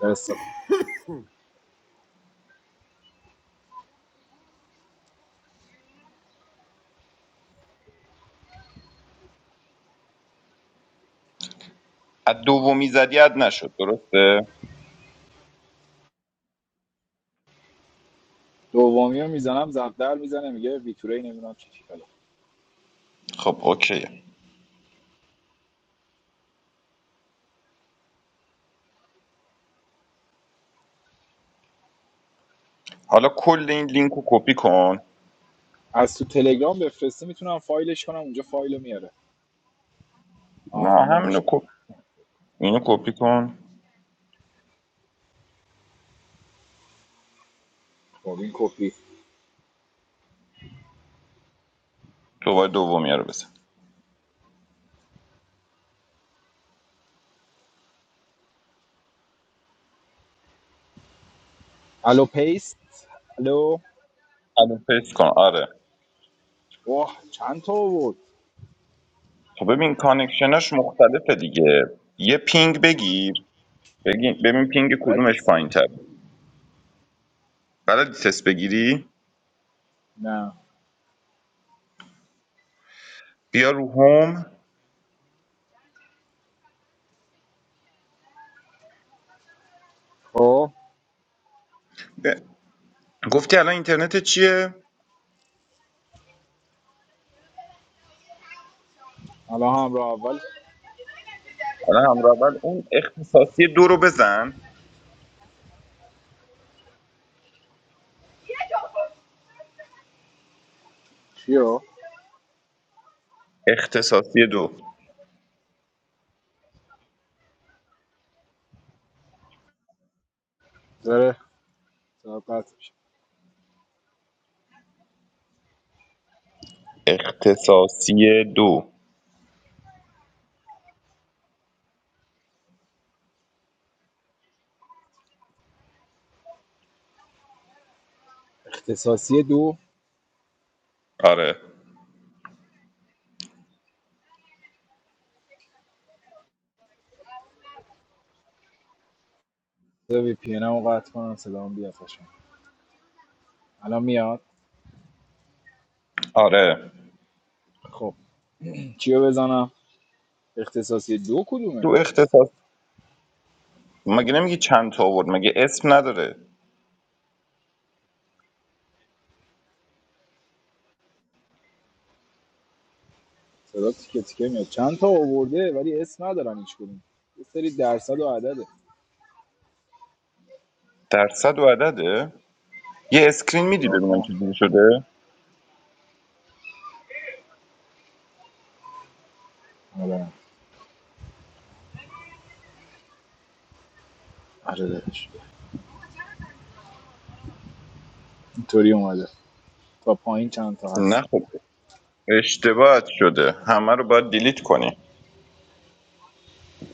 S5: درسته
S6: از دومی زدی اد نشد درسته
S5: دومی رو میزنم زب در میزنه میگه ویتوری نمیدونم چی چی فلان
S6: خب اوکی حالا کل این لینک رو کپی کن
S5: از تو تلگرام بفرستی میتونم فایلش کنم اونجا فایل میاره آه
S6: نه
S5: اینو
S6: همینو
S5: میشه
S6: کپ اینو کپی کن
S5: خب این کپی
S6: دوباره دومی رو بزن
S5: الو پیست الو
S6: الان پیست کن آره
S5: واه چند تا بود
S6: خب ببین کانکشناش مختلفه دیگه یه پینگ بگیر بگی- ببین پینگ
S5: رد
S6: کدومش
S5: نیستم
S6: پایین‌تره بلدی تست بگیری
S5: نه
S6: بیا رو هوم
S5: خب
S6: ب- گفتی الان اینترنت چیه
S5: الان همراه اول
S6: حالا همراه اول اون اختصاصی دو رو بزن
S5: چیو
S6: اختصاصی دو
S5: داره صدا قطع میشه
S6: اختصاصی دو
S5: اختصاصی دو
S6: آره
S5: بذار وی پی رو قطع کنم صدام بیاد قشنگ الان میاد
S6: آره
S5: خب چیو بزنم اختصاصی دو کدومه
S6: دو اختصاص مگه نمیگی چند تا آورد مگه اسم نداره
S5: صدا تیکه تیکه میاد چند تا آورده ولی اسم ندارن هیچ کدوم یه سری درصد و عدده
S6: درصد و عدده یه اسکرین میدی
S5: نگاه
S6: ببینم
S5: کن
S6: چجوری شده
S5: ندارن آره داداش اینطوری اومده تا پایین چند تا
S6: نه
S5: هست
S6: خب اشتباهت شده همه رو باید دیلیت کنی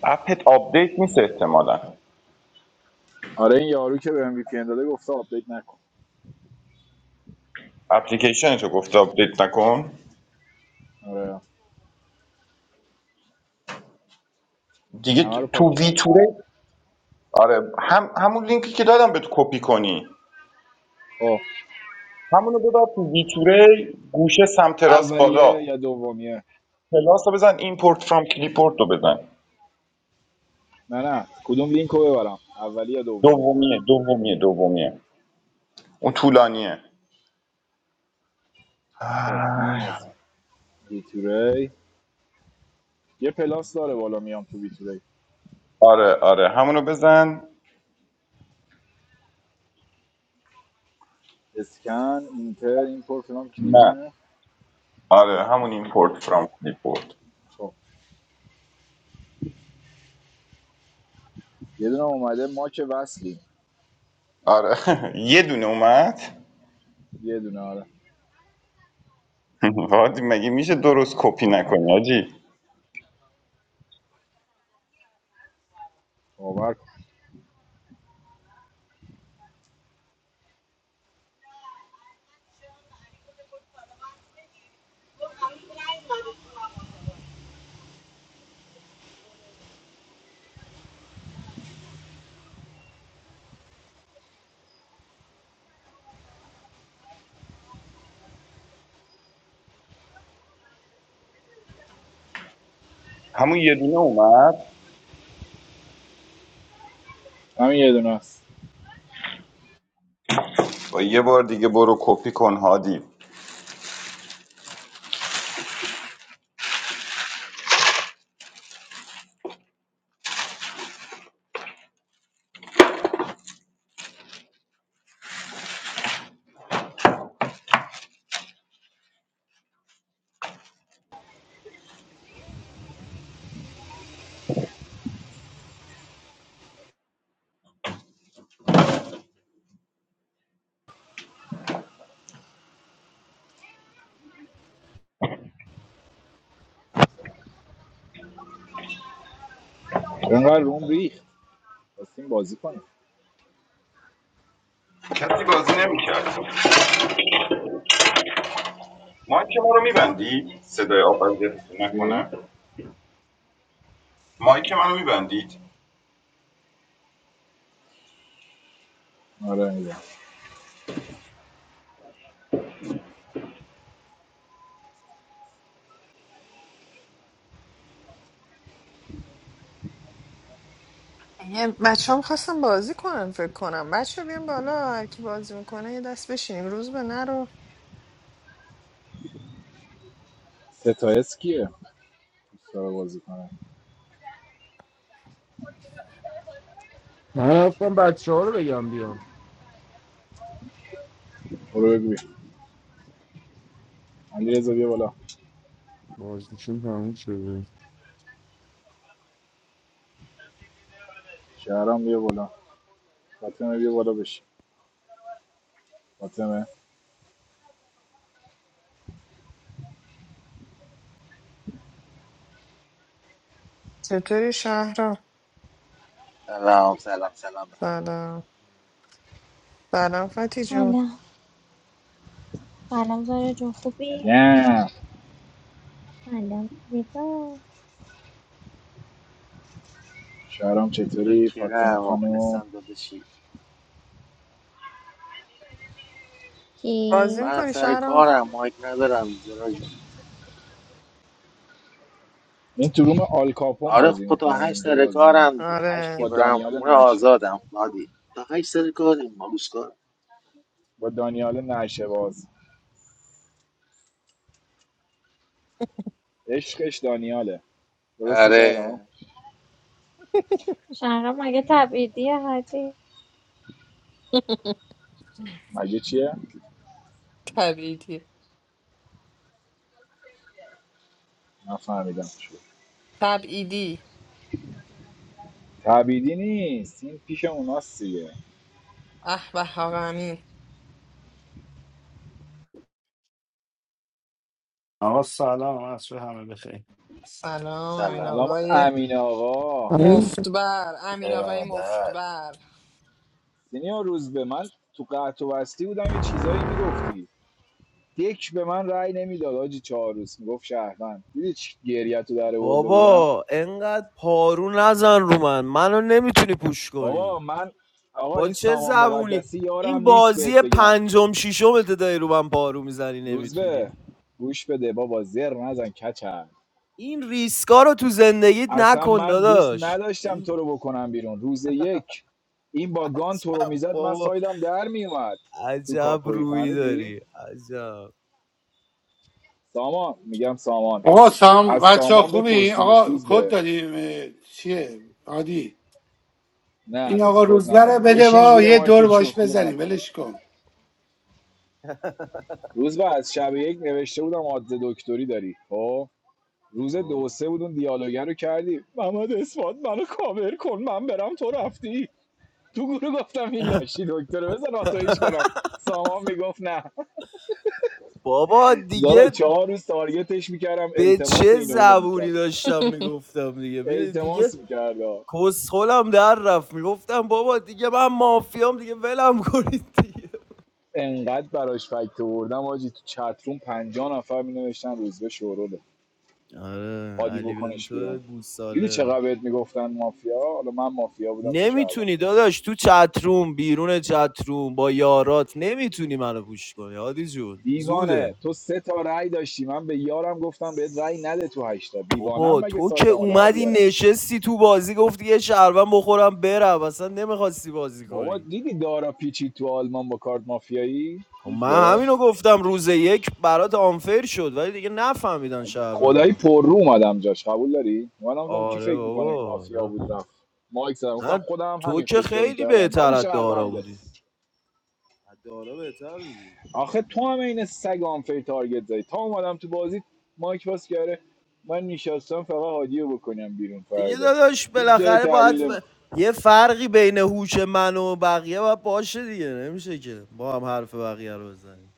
S6: اپت آپدیت نیست احتمالا
S5: آره این یارو که بهم ام وی پی ان داده گفته آپدیت نکن
S6: اپلیکیشن تو گفته آپدیت نکن
S5: آره
S6: دیگه
S5: همه رو پاک
S6: تو
S5: کردم
S6: ویتوره آره هم همون لینکی که دادم بهت کپی کنی
S5: خب
S6: همونو ببر تو ویتوره گوشه سمت راست بالا
S5: اولیه یا دومیه
S6: پلاس رو بزن ایمپورت فرام کلیپورت رو بزن
S5: نه نه کدوم لینک رو ببرم اولیه یا دومی
S6: دومیه دومیه دومیه اون طولانیه
S5: خب این
S6: آی.
S5: از بیتوری یه پلاس داره بالا میام تو بیتوری
S6: آره آره همونو بزن
S5: اسکن اینتر این پر فلان
S6: نه
S5: کلیبه
S6: آره همون ایمپورت فرام کلیپورت
S5: خب یه دونه اومده ماک وصلی
S6: آره یه دونه اومد
S5: یه دونه آره
S6: وادی مگه میشه درست کپی نکنی آجی
S5: باور کن
S6: همون یه دونه اومد
S5: همین یه دونه است
S6: با یه بار دیگه برو کپی کن هادی
S5: چرا انقدر روم ریخت خواستیم بازی کنیم
S6: کسی بازی نمیکرد ما که ما رو میبندی صدای آبازی
S5: چی؟
S6: نکنم مایک منو میبندید
S5: آره میدونم
S1: بچه ها خواستم بازی کنن فکر کنم بچه بیان بالا هر کی بازی میکنه یه دست بشینیم روز به نرو
S5: ستایس کیه؟ دوست داره بازی کنه
S9: من رفتم بچه ها رو بگم بیان
S5: برو بگو بیا علی رضا بیا بالا
S9: بازدیشون تموم شده
S5: شهرام بیا بالا فاطمه بیا بالا بشی فاطمه
S1: چطوری شهرام
S12: Assalamualaikum.
S1: سلام سلام فتی جون
S13: سلام سلام زارا جون خوبی؟
S5: سلام
S13: سلام زیبا
S5: شهرام چطوری فاطمه خانم
S13: کی؟
S1: بازی میکنی شهرام
S5: این تو روم آلکاپون بازی میکنه اینجا بازی نمیکنه با
S1: آره
S5: دانیال نشه با دانیال نشه باز عشقش دانیاله درسته شهرام
S13: شهرام مگه تبعیدیه هادی
S5: مگه چیه
S1: تبعیدی
S5: نفهمیدم
S1: تبعیدی
S5: تبیدی نیست این پیش اوناست دیگه
S1: اه به حق امین
S14: آقا سلام عصر همه بخیر
S1: سلام امین
S5: سلام
S1: آقای
S5: امین آقا
S1: مفتبر امین آقای
S14: ارادت
S1: مفتبر
S5: سینیور روز به من تو قطع و وصلی بودم یه چیزایی میگفتی یک به من رأی نمیداد آجی چهارروز میگفت شهروند دیدی چی گریت رو در آورده بودم
S9: بابا انقدر پارو نزن رو من منو نمیتونی پوش کنی
S5: بابا من آقا
S9: با
S5: این
S9: چه
S5: سامان
S9: زبونی
S5: مقدسی یارم
S9: این
S5: نیست بهت
S9: بازی
S5: بگم
S9: پنجم ششم داری رو من پارو میزنی
S5: روز به
S9: نمیتونی
S5: گوش بده بابا زر نزن کچل
S9: این ریسکا رو تو زندگیت
S5: اصلا
S9: نکن
S5: من دوست
S9: داداش
S5: نداشتم تو
S9: این
S5: رو بکنم بیرون روز یک این با گان تو رو
S9: عجب
S5: میزد من
S9: بابا
S5: سایدم در میومد تو
S9: عجب
S5: کاپوی
S9: روی
S5: فهمیدی؟
S9: داری عجب
S5: سامان میگم سامان
S15: آقا سلام
S5: از
S15: بچه ها
S5: سامان
S15: خوبی؟
S5: بپرسیدیش
S15: آقا
S5: روز
S15: کد
S5: به
S15: دادیم اه، چیه؟ عادی
S5: نه
S15: این
S5: هنوز
S15: آقا
S5: کد
S15: روزبه رو
S5: ندیم
S15: بده
S5: بشین
S15: با
S5: زیر
S15: یه
S5: مایک
S15: دور
S5: که
S15: باش
S5: چخلو
S15: بزنیم
S5: نکن
S15: ولش کن
S5: روز به از شب یک نوشته بودم عادل دکتری داری خب روز دو
S9: خب.
S5: سه بود اون دیالوگر رو کردی محمد اثبات منو کاور کن من برم تو رفتی تو گروه گفتم این لاشی دکتر بزن آتایش کنم سامان میگفت نه
S9: بابا
S5: زارا
S9: دیگه
S5: چهار روز تارگتش میکردم
S9: به
S5: التماس
S9: چه
S5: اینو اونو
S9: زبونی
S5: میکرد
S9: داشتم میگفتم دیگه می دیگه
S5: التماس میکرد
S9: کسخلم در رفت میگفتم بابا دیگه من مافیام دیگه ولم کنید دیگه
S5: انقدر براش فکت آوردم آجی تو چتروم پنجا نفر مینوشتن روزبه شوروله
S9: آره
S5: عادی
S9: علی
S5: بکنش
S9: بنتو
S5: بیرون دیدی
S9: گوساله
S5: چقدر بهت میگفتن مافیا حالا من مافیا بودم تو شهروند
S9: نمیتونی داداش تو چتروم بیرون چتروم با یارات نمیتونی منو پوش کنی هادی جون زوده
S5: دیوانه تو سه تا رأی داشتی من به یارم گفتم بهت رأی نده تو هشتا دیوانم
S9: بابا
S5: مگه
S9: تو که
S5: سایدمو در
S9: اومدی
S5: بیارم
S9: نشستی تو بازی گفتی یه شهروند بخورم برم اصلا نمیخواستی بازی
S5: بابا
S9: کنی
S5: دیدی دارا پیچی تو آلمان با کارت مافیایی
S9: خب من
S5: روزبه
S9: همینو گفتم روز یک برات آنفر شد ولی دیگه نفهمیدن
S5: خدایی
S9: شهروندو
S5: پر رو اومدم جاش قبول داری اومدم گفتم کی
S9: آره
S5: فکر میکنه این
S9: بابا
S5: مافیا
S9: آره.
S5: بود رفت مایک زدم گفتم
S9: نه
S5: خودم
S9: تو
S5: همین
S9: که
S5: فکر رو
S9: خیلی
S5: میکردم
S9: بهتر
S5: ولی
S9: از دارا
S5: شهرونده
S9: بودی از دارا بهتر بودی
S5: آخه تو هم این سگ آنفری تارگت زدی تا اومدم تو بازی مایک باز کرده من نشستم فقط هادیو بکنم بیرون
S9: دیگه
S5: فردا
S9: داداش
S5: هیچ جوری
S9: بالاخره باید
S5: تحلیل
S9: ب-
S5: نمی‌کنم.
S9: یه فرقی بین هوش من و بقیه باید باشه دیگه نمیشه که با هم حرف بقیه رو بزنیم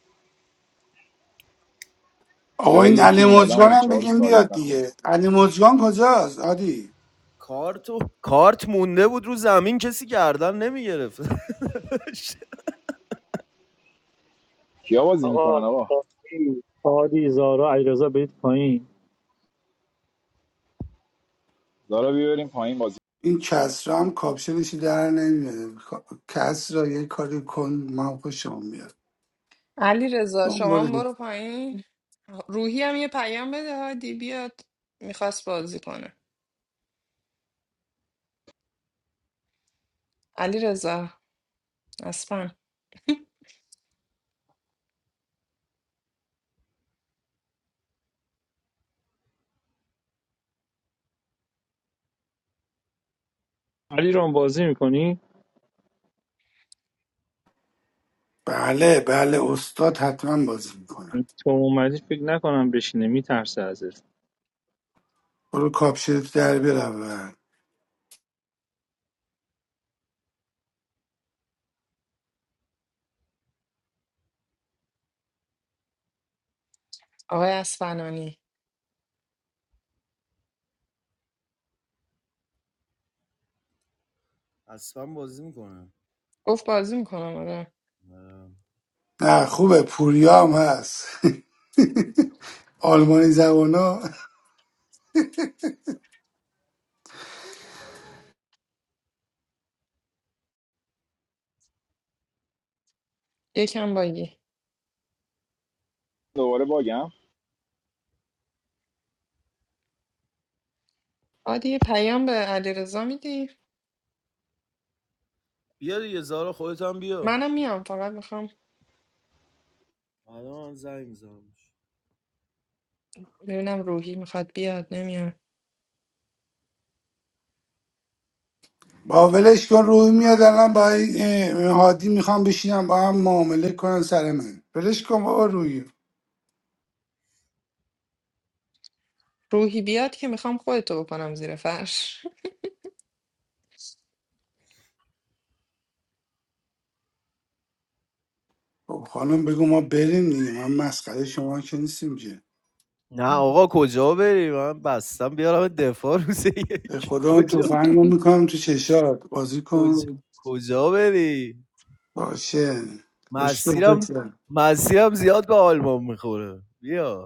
S15: آقا
S5: جای
S15: این
S5: یکی
S15: علی
S5: اومدم
S15: مجگان
S5: آجی
S15: هم
S5: چهار روز
S15: بگیم
S5: تارگت
S15: بیاد
S5: نخوردم
S15: دیگه علی مجگان کجاست عادی
S9: کارت و... کارت مونده بود رو زمین کسی گردن نمیگرفت
S5: کیا بازی میکنن
S10: آقا
S5: آقا
S10: هادی هادی، زارا علیرضا برید پایین
S5: دارا بیبریم پایین بازی
S15: این کسرا هم کاپشنش در نمیاد کسرا یه کاری کن من خوشم میاد
S1: علی رضا شما
S15: دنبال
S1: هم
S15: دی-
S1: برو پایین روحی هم یه پیام بده دی بیاد میخواست بازی کنه علی رضا اسفن
S10: علی ران بازی میکنی
S15: بله بله استاد حتما بازی میکنه
S10: تو اومدی فکر نکنم بشینه میترسه ازت
S15: برو کاپشنت در بیار اول
S1: آقای اسفنانی
S9: اصلا بازی میکنم
S1: گفت بازی میکنم آره
S15: نه خوبه پوریا هم هست آلمانی زبان
S1: یکم باگی
S5: دوباره باگم
S1: عادی یه پیام به علیرضا میدی
S9: بیا دیگه زارا خودت هم بیا
S1: منم میام فقط میخوام
S9: حالا من زنگ میزنم
S1: ببینم روحی میخواد بیاد نمیاد
S15: با ولش کن روی میاد الان با این اه، هادی میخوام بشینم با هم معامله کنن سر من ولش کن بابا روی
S1: روحی بیاد که میخوام خودتو بکنم زیر فرش
S15: خب خانم بگو ما بریم دیگه من مسخره شما که نیستیم که
S9: نه آقا کجا بریم من بستم بیارم دفاع روز
S15: به
S9: یک
S15: خدا اون
S9: کجا
S15: تفنگ رو میکنم تو چشات بازی
S9: کجا
S15: کن
S9: کجا بری
S15: باشه خوشگل
S9: مسیرم
S15: پسر
S9: مسیرم زیاد به آلمان میخوره بیا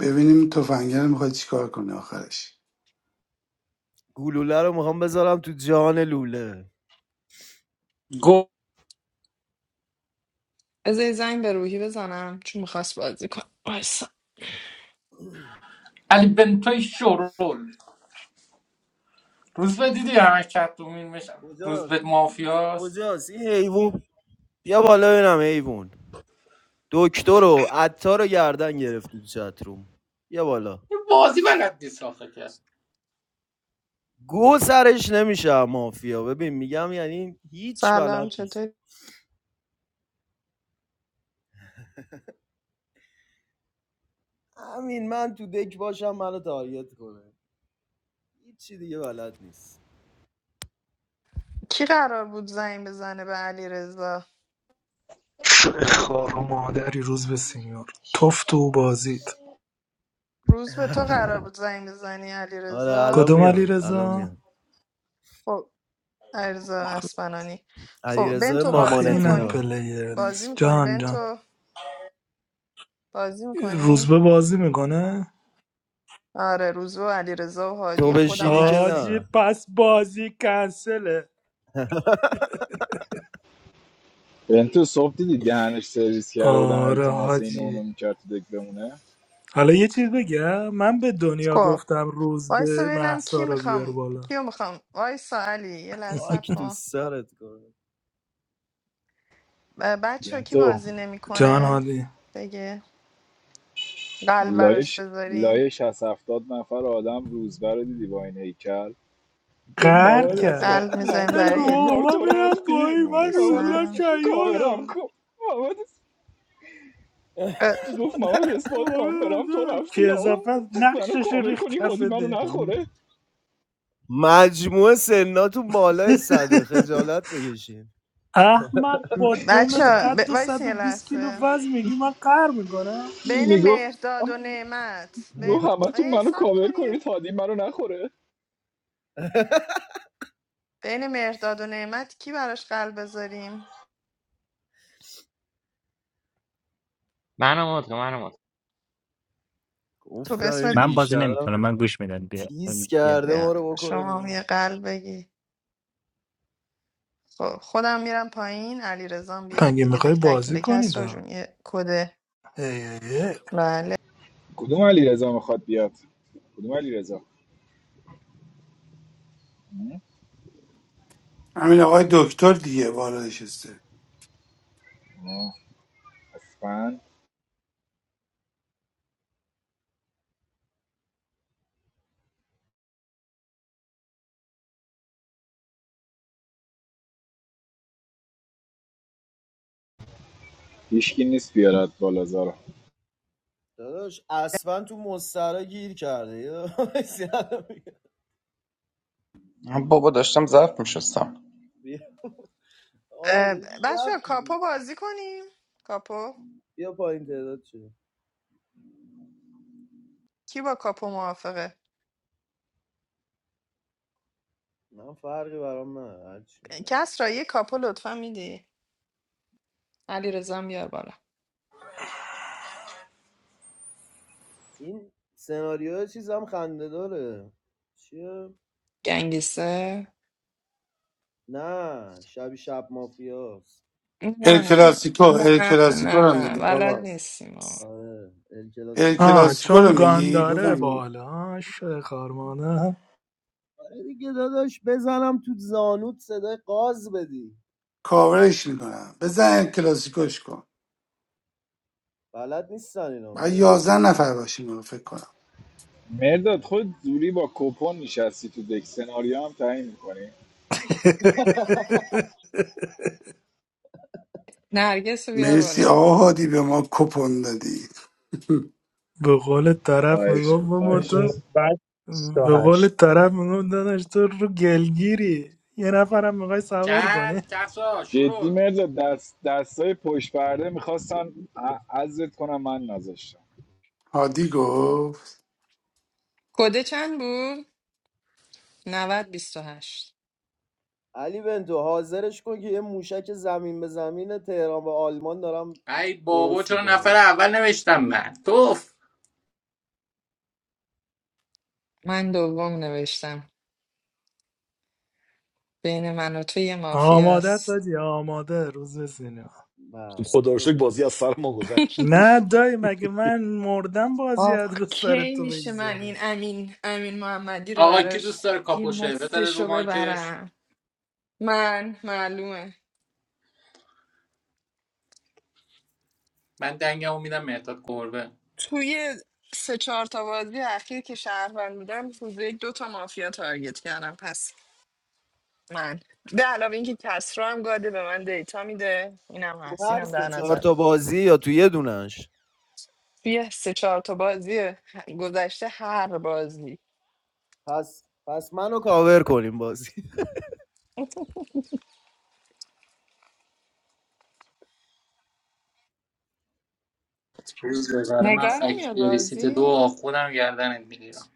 S15: ببینیم تفنگه میخواد چیکار کنه آخرش
S9: گلوله رو میخوام بذارم تو جان لوله
S4: گو
S1: از یه زنگ به روحی بزنم چون میخواست بازی کنم وایسا
S4: علی بنتوی شور روز به دیدی همش چطومین میشن روز به
S9: کجاست
S4: مافیاست
S9: کجاست این حیوان بیا بالا ببینم حیوان دکتر و عطار رو گردن گرفت تو چتروم بیا بالا گو سرش نمیشه مافیا ببین میگم یعنی هیچ بلد
S1: سلام
S9: نیست
S1: چطوری
S9: همین من تو دک باشم منو تارگت کنه هیچی دیگه بلد نیست
S1: کی قرار بود زنگ بزنه به علیرضا
S16: خار و مادری روز به سینیور تفت و بازید
S1: روز به تو قرار بود زنگ بزنی
S9: آره
S1: علیرضا
S9: الان
S16: کدوم علی
S9: میاد الان
S16: رضا
S9: میاد
S1: خب علیرضا اسفنانی خب
S9: علیرضا
S1: بنتو
S16: آخه
S1: بازی
S16: اینم
S1: میکنی
S9: مامانتینا
S16: پلیر
S1: بازی
S16: نیست
S1: میکنی
S16: جان جان
S1: بنتو بازی میکنی
S16: روزبه بازی میکنه
S1: آره روزو و علیرضا و هادی
S9: تو
S1: و خودم
S9: بشینی که
S1: هستی
S16: آجی
S9: نه
S16: پس بازی کنسله
S5: بنتو صبح دیدی دهنش سرویس کرده بودم
S16: آره
S5: التماس این
S16: حاجی
S5: اونو میکرد تو دک بمونه
S16: حالا یه چیز بگم من به دنیا
S1: خب
S16: گفتم
S1: وایسا
S16: روزبه
S1: ببینم
S16: محسا
S1: کی
S16: رو بیار
S1: میخوام
S16: بالا
S1: کیو میخوام وایسا علی یه لحظه صبر
S9: راک تو
S1: کن
S9: سرت کنه
S1: بچه ها کی
S5: بنتو
S1: بازی
S16: جان
S1: نمیکنه
S16: هادی
S1: بگه قلب براش
S5: لایش
S1: بذاریم
S5: لایه 60 70 نفر آدم روزبر رو دیدی با این هیکل گفت
S1: خب،
S16: قهر
S5: محمد
S1: یه
S16: کرد
S5: اسفاد
S1: قلب
S5: من
S1: میذاریم
S16: هلگو
S5: برم
S1: برای
S16: گفت
S5: انگار
S16: بابا من
S5: تو
S16: میرم
S5: رفتی
S16: پایی من روزبه
S5: محمد
S16: من
S1: میسم
S5: اسفاد کاورم
S16: شیادم
S5: کن محمد اسفاد گفت محمد اسفاد من
S16: آره،
S5: برم تو
S16: ده.
S5: رفتی
S16: که
S5: یا
S16: اضافه
S5: منو
S16: نقشش رو
S5: کاور
S16: ریخ
S5: کنی
S16: کف
S5: هادی منو
S16: دک
S5: نخوره
S9: مجموع سناتون بالای صده خجالت بکشین
S16: احمق با
S1: بچه
S16: دومت
S1: ها ب...
S16: قد و
S1: وایسا یه
S16: 120 کیلو
S1: لحظه
S16: وزن میگی من قهر میکنم
S1: بین
S5: میگفت
S1: مهرداد و نعمت ب...
S5: گفت همه تو
S1: ای
S5: منو
S1: سب
S5: کاور
S1: کنین
S5: کنید هادی منو نخوره
S1: بین مهرداد و نعمت کی براش قلب بذاریم
S17: منو مد کن منو مد کن.
S1: تو به
S9: گفتم این
S1: اسم
S9: بیشرف تیز کرده ما رو بکنه
S1: شما هم
S9: بیرون.
S1: یه قلب بگی خب خودم میرم پایین علی رزان بیاد
S16: مگه
S1: دیگه
S16: میخوای
S1: دک
S16: بازی
S1: تکمیل کس
S16: کنید
S1: را
S16: آه
S1: جون یه کده
S16: ای ای ای.
S1: بله
S5: کدوم علی رضا میخواد بیاد کدوم علی رضا
S15: همین آقای دکتر دیگه بالا نشسته
S5: اسفند هیچکی نیست بیارد بالازار
S9: داداش اصلا تو مسترا گیر کرده
S6: بابا داشتم ظرف میشستم
S9: بیا آه داری
S1: بچه
S9: ظرف
S1: کاپو
S9: می‌زنی.
S1: بازی کنیم کاپو
S9: بیا پایین تعداد چه
S1: کی با کاپو موافقه
S9: من فرقی برام نه هرچی میزنم
S1: کس را یه کاپو لطفا میدی علی رزان بیار بالا
S9: این سناریو چیزم خنده داره چیه؟
S1: گنگیسه
S9: نه شبی شب مافیاست
S15: ال
S1: نه نه
S15: کلاسیکو ال
S1: نه
S15: کلاسیکو
S1: نه
S15: رو
S1: نه
S15: میگی
S1: بلد
S15: بابا
S1: نیستیم آقا
S9: آره ال
S15: ال
S9: کلاسیکو
S16: آه،
S15: کلاسیکو رو
S16: چون
S15: میگی
S16: گانداره
S15: بفهمی
S16: بالا شه خارمانه
S9: دیگه داداش بزنم تو زانوت صدای قاز بدی
S15: کاورش میکنم بزن کلاسیکوش کن
S9: بلد نیستن اینا
S15: بعد
S9: مرداد
S15: یازده نفر باشیم رو فکر کنم
S5: مرداد
S9: نه.
S5: خود زوری با کپون نشستی تو دک سناریو هم تعیین میکنی
S1: نرگس رو بیار
S15: مرسی
S1: بالا
S15: آقا هادی به ما کپون دادی
S16: به قول طرف
S5: خواهش
S16: میگفت بابا
S5: خواهش
S16: تو
S10: بعد
S16: به قول
S10: 28
S16: طرف میگفت داداش تو رو گلگیری یه نفرم میخوای سوار کنی
S4: چند کسا
S5: جدی
S4: شروع
S5: مرداد دست دستای پشت پرده میخواستن عزت کنم من نذاشتم
S15: هادی گفت
S1: کده چند بود؟ نود بیست و هشت
S9: علی بنتو حاضرش کن که یه موشک زمین به زمین تهران و آلمان دارم
S4: ای بابا
S9: درست
S4: چرا نفر
S9: میکنم
S4: اول نوشتم من توف
S1: من دوم نوشتم بین من و تو یه
S16: آماده است
S1: مافیاست
S16: آجی آماده روز سینما
S9: برو
S14: خدا رو شکر
S9: بریم.
S14: بازی از سر ما گذشت
S16: نه دایی مگه من مردم بازی از
S1: آخ
S16: رو سر
S1: کی
S16: تو
S1: میشه من
S16: بگذاره
S1: این امین امین محمدی رو
S4: آقا کی
S1: براش
S4: دوست داره
S1: یه
S4: کاپوشه بزنه
S1: مفتش
S4: رو
S1: رو
S4: مایکش
S1: ببرم من معلومه
S4: من دنگمو میدم مهداد گربه
S1: توی سه چهار تا بازی اخیر که شهروند بودم حدود یک دو تا مافیا تارگت کردم پس من به علاوه اینکه کسرا هم گاده به من دیتا میده اینم
S9: تو
S1: هست
S9: هر
S1: اینم در
S9: سه چهار
S1: نظر
S9: تا
S1: بگیر.
S9: بازی یا تو یه دونش
S1: توی سه چهار تا بازی گذشته هر بازی
S9: پس پس منو کاور کنیم بازی
S4: روز بگاره من
S1: نگاه نمیاد
S4: فکتیری سیت دو
S1: بازی
S4: آخونم گردنت میگیرم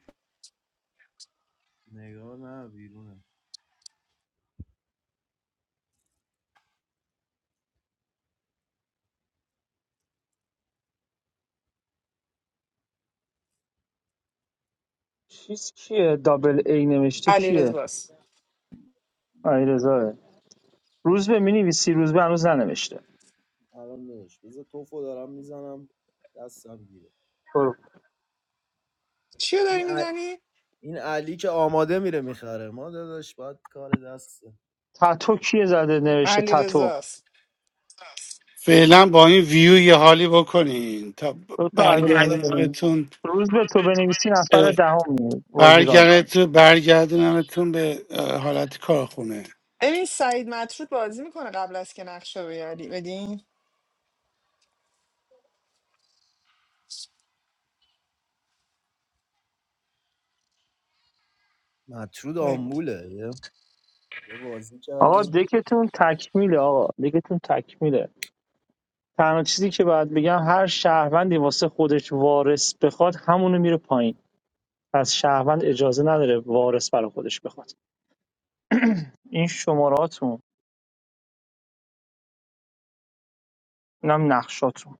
S9: نگاه نه بیرونه
S10: چیز کیه دابل ای نوشته
S1: علی
S10: کیه
S1: رزاست.
S10: علیرضا روز به مینویسی روز به هنوز ننوشته
S9: الان داداش بذار توفو دارم میزنم دستم گیره
S10: برو
S1: چی داری
S9: این, ع-
S1: میزنی؟
S9: این علی که آماده میره میخره ما داداش باید کار دست
S10: تتو کیه زده نوشته
S1: علیرضاست
S10: تتو
S1: رزاست
S15: فعلا با این ویو یه حالی بکنین تا
S10: لطفا علیرضا بریم
S15: برگردونمتون
S10: روز به تو بنویسی نفر
S15: اه،
S10: دهم میاد بازی را میشه
S15: برگرد- برگردونمتون به اه، حالت کارخونه
S1: ببین سعید مطرود بازی میکنه قبل از که نقشه رو بیاری بدین
S9: مطرود
S1: نمی‌کنه.
S9: آمبوله یه یه بازی
S10: آقا
S9: کردیم
S10: دکتون تکمیله آقا دکتون تکمیله تنها چیزی که باید بگم هر شهروندی واسه خودش وارث بخواد همونو میره پایین پس شهروند اجازه نداره وارث برای خودش بخواد این شماراتون اینم نقشاتون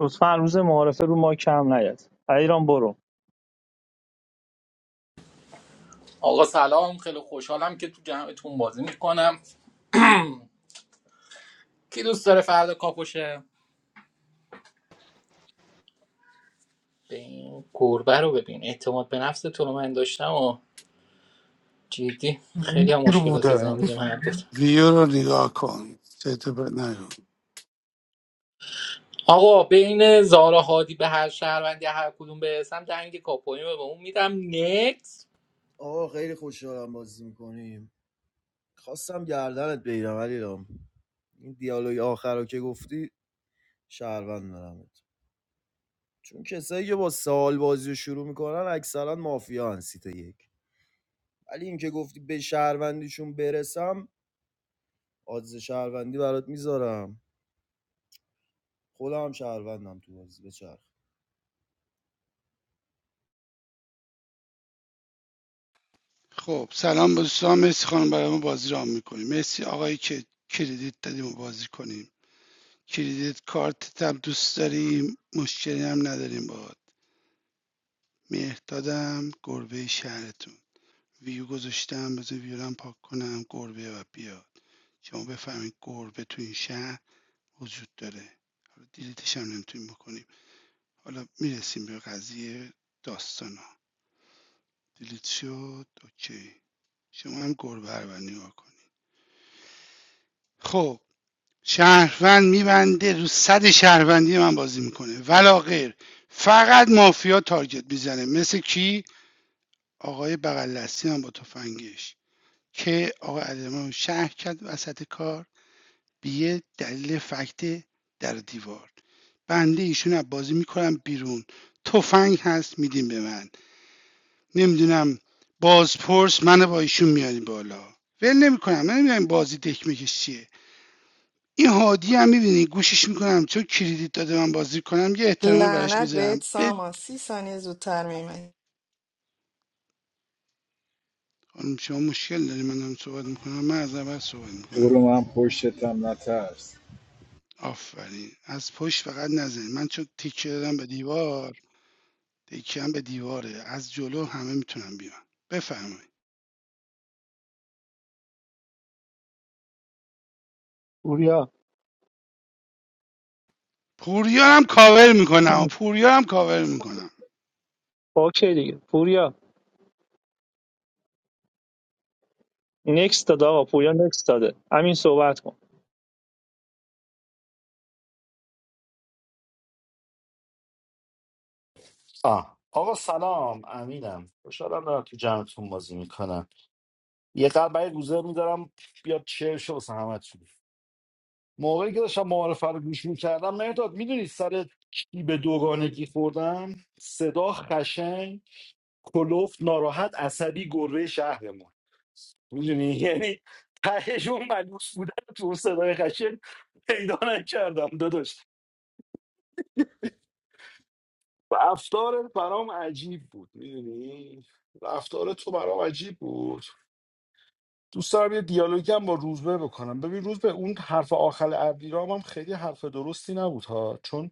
S10: لطفا روز معارفه رو ما کم نیاد ایران برو
S4: آقا سلام خیلی خوشحالم که تو جمعتون بازی میکنم کی دوست داره فردا کاپوشه به این گربه رو ببین اعتماد به نفس تو رو من داشتم و جدی خیلی هم
S14: میر
S4: مشکلات
S14: بودم
S4: زندگی من بود
S15: ویو رو نگاه کن چطور بد نگو
S4: آقا بین زارا هادی به هر شهروندی هر کدوم برسم دنگ کاپوی رو به اون میدم نکس
S9: آه خیلی خوشحالم بازی میکنیم خواستم گردنت بگیرم علی این دیالوگ آخر رو که گفتی شهروند دارمت چون کسایی که با سوال بازی رو شروع میکنن اکثرا مافیا سیت یک ولی این که گفتی به شهروندیشون برسم آدز شهروندی برات میذارم خودم هم شهروندم تو بازی بچرخ
S15: خب سلام دوستان مرسی خانم برای ما بازی را میکنیم مرسی آقایی که کردیت دادیم و بازی کنیم کریدیت کارتتم دوست داریم مشکلی هم نداریم باهات مهردادم گربه شهرتون ویو گذاشتم بذار ویورم پاک کنم گربه و بیاد شما بفهمید گربه تو این شهر وجود داره حالا دیلیتش هم نمیتونیم بکنیم حالا میرسیم به قضیه داستانا دیلیت شد اوکی شما هم گربه رو نگاه کنید خب شهروند میبنده رو صد شهروندی من بازی میکنه ولا غیر فقط مافیا تارگت میزنه مثل کی آقای بغل هم با تفنگش که آقای علیرضا رو شهر کرد وسط کار به یه دلیل فکت در دیوار بنده ایشون رو بازی میکنم بیرون تفنگ هست میدیم به من نمیدونم بازپرس منو با ایشون میاریم بالا ول نمیکنم من نمیدونم بازی دکمکش چیه این هادی هم می‌بینی گوشش میکنم چون کریدیت داده من بازی کنم یه احترامی براش
S1: لعنت
S15: میذارم
S1: بهت
S15: به
S1: سامان سی ثانیه زودتر میمه
S15: خانم شما مشکل داری من دارم صحبت میکنم من از اول صحبت میکنم
S5: برو من پشتم نترس
S15: آفرین از پشت فقط نزنید من چون تیکه دادم به دیوار تیکه هم به دیواره از جلو همه میتونم بیان بفرمایید
S10: پوریا
S15: پوریا هم کاور میکنم پوریا هم کاور میکنم
S10: اوکی دیگه پوریا نکست داد آقا پوریا نکست داده همین صحبت کن
S14: آه. آقا سلام امینم خوشحالم دارم تو جمعتون بازی میکنم یه قلب برای گوزه میدارم بیاد چه شو واسه همتون موقعی که داشتم معارفه رو گوش میکردم مرداد میدونی سر کی به دوگانگی خوردم صدا خشن کلوف ناراحت عصبی گربه شهرمون میدونی یعنی تهشون ملوس بودن رو تو اون صدای خشن پیدا نکردم داداش رفتارت برام عجیب بود میدونی رفتار تو برام عجیب بود دوست دارم یه دیالوگی هم با روزبه بکنم ببین روزبه اون حرف آخر عبدیرام هم خیلی حرف درستی نبود ها چون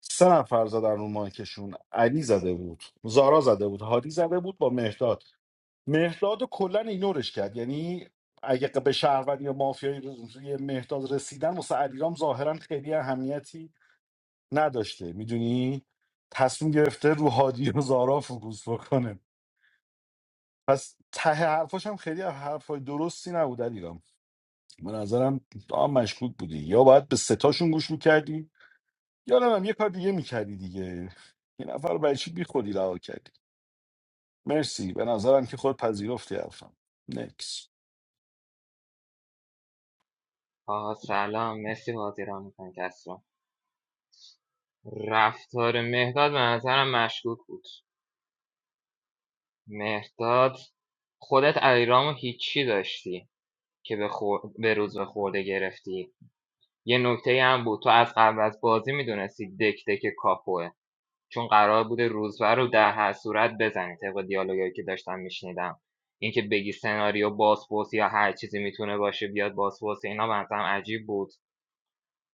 S14: سه نفر زدن رو مایکشون علی زده بود زارا زده بود هادی زده بود با مهداد مهرداد رو کلا ایگنورش کرد یعنی اگه به شهروند یا مافیای روی مهرداد رسیدن واسه علیرام ظاهرا خیلی اهمیتی نداشته میدونی تصمیم گرفته رو هادی و زارا فوکوس بکنه پس ته حرفاش هم خیلی حرفای درستی نبود علیرام به نظرم تو هم مشکوک بودی یا باید به ستاشون گوش میکردی یا نه هم یه کار دیگه میکردی دیگه یه نفر رو برای چی بی خودی رها کردی مرسی به نظرم که خود پذیرفتی حرفم نکس
S17: آقا سلام مرسی بازی را میکنی کسرا رفتار مهداد به نظرم مشکوک بود مهداد خودت علیرامو هیچی داشتی که به, خور... به روز به خورده گرفتی یه نکته هم بود تو از قبل از بازی میدونستی دک دک کاپوه چون قرار بوده روزبه رو در هر صورت بزنی طبق دیالوگایی که داشتم میشنیدم اینکه بگی سناریو باسپورس یا هر چیزی میتونه باشه بیاد باسپورس اینا به نظرم عجیب بود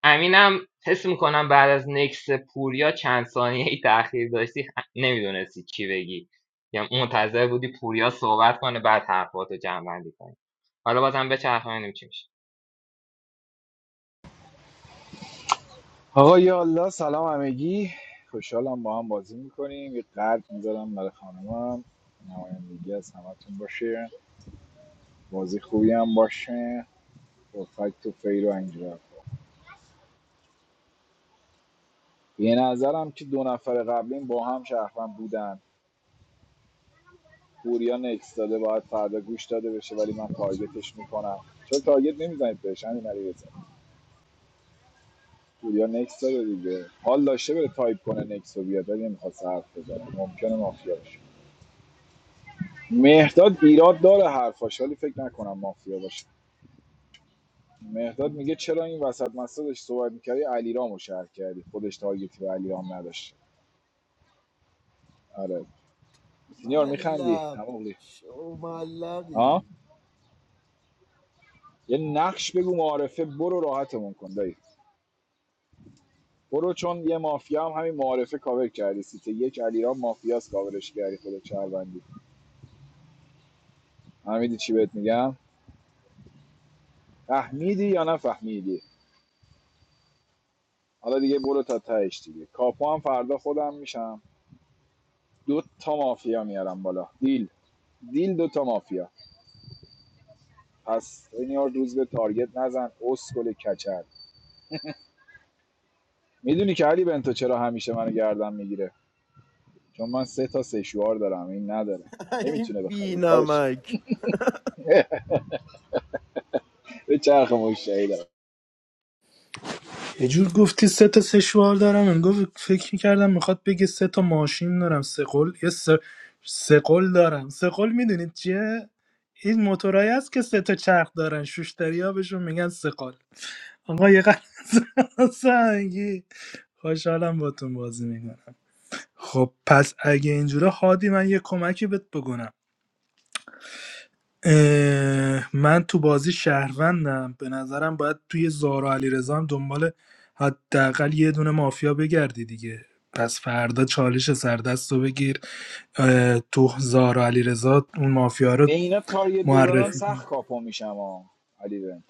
S17: امینم حس میکنم بعد از نکس پوریا چند ثانیه ای تاخیر داشتی نمیدونستی چی بگی یا منتظر بودی پوریا صحبت کنه بعد حرفاتو جمع بندی کنی حالا بازم به چرخه چی میشه
S5: آقا یا الله سلام همگی خوشحالم با هم بازی میکنیم یه قلب میذارم برای خانمم نمایندگی از همتون باشه بازی خوبی هم باشه با فکت و فیر و اینجور حرفا. به نظرم که دو نفر قبلیم با هم شهروند بودن پوریا نکس داده باید فردا گوش داده بشه ولی من تارگتش میکنم چون تارگت نمیزنید بهش همین علی رضا پوریا نکس داده دیگه حال داشته بره تایپ کنه نکس رو بیاد ولی نمیخواد حرف بزنه ممکنه مافیا باشه مهداد ایراد داره حرفاش ولی فکر نکنم مافیا باشه مهداد میگه چرا این وسط مسادش صحبت میکردی علیرامو رو شهر کردی خودش تارگتی به علیرام نداشت آره سینیور میخندی
S9: ملق
S5: همونی
S9: شو
S5: ها
S9: ملقی
S5: یه نقش بگو معارفه برو راحتمون کن دایی. برو چون یه مافیا هم همین معارفه کاور کردی سیت یک علیرام مافیاس کاورش کردی خودت شهروندی فهمیدی چی بهت میگم فهمیدی یا نفهمیدی حالا دیگه برو تا تهش دیگه کاپو هم فردا خودم میشم دو تا مافیا میارم بالا دیل دیل دو تا مافیا پس این یار روز به تارگت نزن اسکل کچل میدونی که علی بنتو چرا همیشه منو گردن میگیره چون من سه تا سه شوار دارم این نداره
S9: این بی
S5: نمیتونه بخره به کارش
S9: بینمک
S5: به چرخ مشتری دارم
S16: یه جور گفتی سه تا سشوار دارم من گفت فکر میکردم میخواد بگه سه تا ماشین دارم سه قل یه سه, سه قل دارم سه قل میدونید چیه این موتورایی هست که سه تا چرخ دارن شوشتری ها بهشون میگن سه قل آقا یه قلب سنگی خوشحالم باتون بازی میکنم خب پس اگه اینجوره هادی من یه کمکی بهت بکنم اه، من تو بازی شهروندم به نظرم باید توی زارا علیرضا هم دنبال حداقل یه دونه مافیا بگردی دیگه پس فردا چالش سردست رو بگیر اه، تو زارا علیرضا اون مافیا
S5: به
S16: رو
S5: اینا تارگت بزنم
S16: معرفی کن.
S5: سخت کاپو میشم ها علی بنت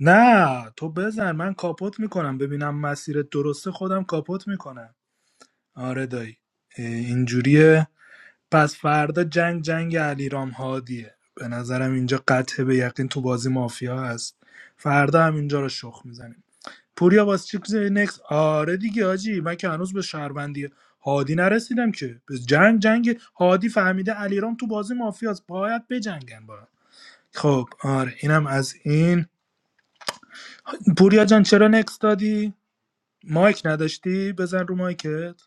S16: نه تو بزن من کاپوت میکنم ببینم مسیر درسته خودم کاپوت میکنم آره دایی اه، اینجوریه پس فردا جنگ جنگ علیرام هادیه به نظرم اینجا قطع به یقین تو بازی مافیا هست فردا هم اینجا رو شخ میزنیم پوریا واسه چی چیز نکس آره دیگه حاجی من که هنوز به شهروندی هادی نرسیدم که به جنگ جنگ هادی فهمیده علیرام تو بازی مافیاست باید بجنگن با هم. خب آره اینم از این پوریا جان چرا نکس دادی مایک نداشتی بزن رو مایکت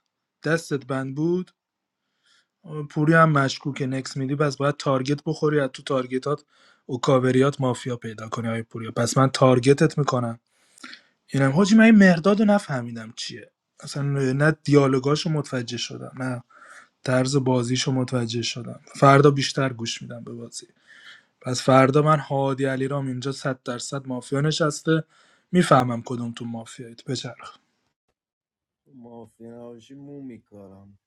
S16: دستت بند بود پوری هم مشکوکه نکس میدی پس باید تارگت بخوری از تو تارگتات اوکاوریات مافیا پیدا کنی های پوریا پس من تارگتت میکنم اینم حاجی من این مرداد رو نفهمیدم چیه اصلا نه دیالوگاشو متوجه شدم نه طرز بازیشو متوجه شدم فردا بیشتر گوش میدم به بازی پس فردا من هادی علیرام اینجا 100 درصد مافیا نشسته میفهمم کدوم تو مافیایید بچرخ
S9: مافیا نباشی مو میکارم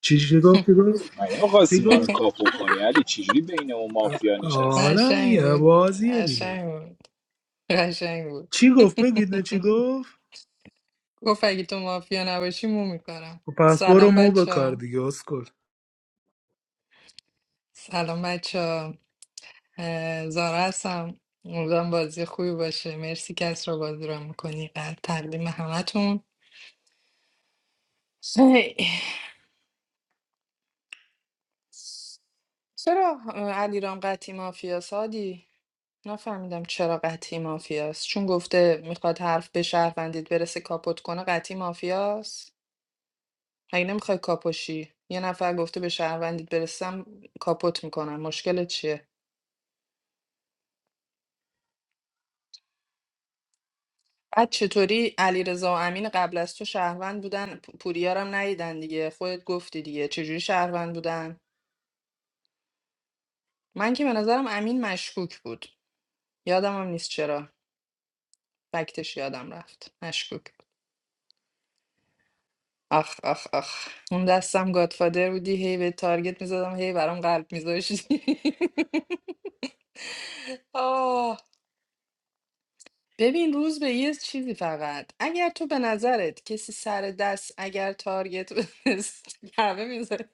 S16: چی چی گفتی گفت
S5: مگه
S16: چی
S5: نمیخواستی منو
S16: گفت
S5: کاپو کنی علی چجوری بین اون
S16: آ-
S5: مافیا نشسته
S16: حالا
S1: قشنگ
S16: دیگه
S1: بود
S16: بازیه دیگه
S1: قشنگ بود قشنگ بود
S16: چی گفت بگید نه چی گفت
S1: گفت اگه تو مافیا نباشی مو میکنم
S16: خب پس برو
S1: سلام
S16: مو
S1: بچه
S16: بکار دیگه اسکل
S1: سلام بچه زارا هستم امیدوارم بازی خوبی باشه مرسی که رو بازی رو میکنی قلب تقدیم همتون چرا اه، علیرام قطعی مافیاس هادی نفهمیدم چرا قطعی مافیاست چون گفته میخواد حرف به شهروندیت برسه کاپوت کنه قطعی مافیاست مگه نمیخوای کاپوشی یه نفر گفته به شهروندیت برسم کاپوت میکنم مشکل چیه بعد چطوری علیرضا و امین قبل از تو شهروند بودن پ- پوریارم ندیدن دیگه خودت گفتی دیگه چجوری شهروند بودن من که به نظرم امین مشکوک بود یادم هم نیست چرا فکتش یادم رفت مشکوک آخ آخ آخ اون دستم گادفادر بودی هی به تارگت میزدم هی برام قلب میذاشتی آه ببین روز به یه چیزی فقط اگر تو به نظرت کسی سر دست اگر تارگت بزنست، همه میذاره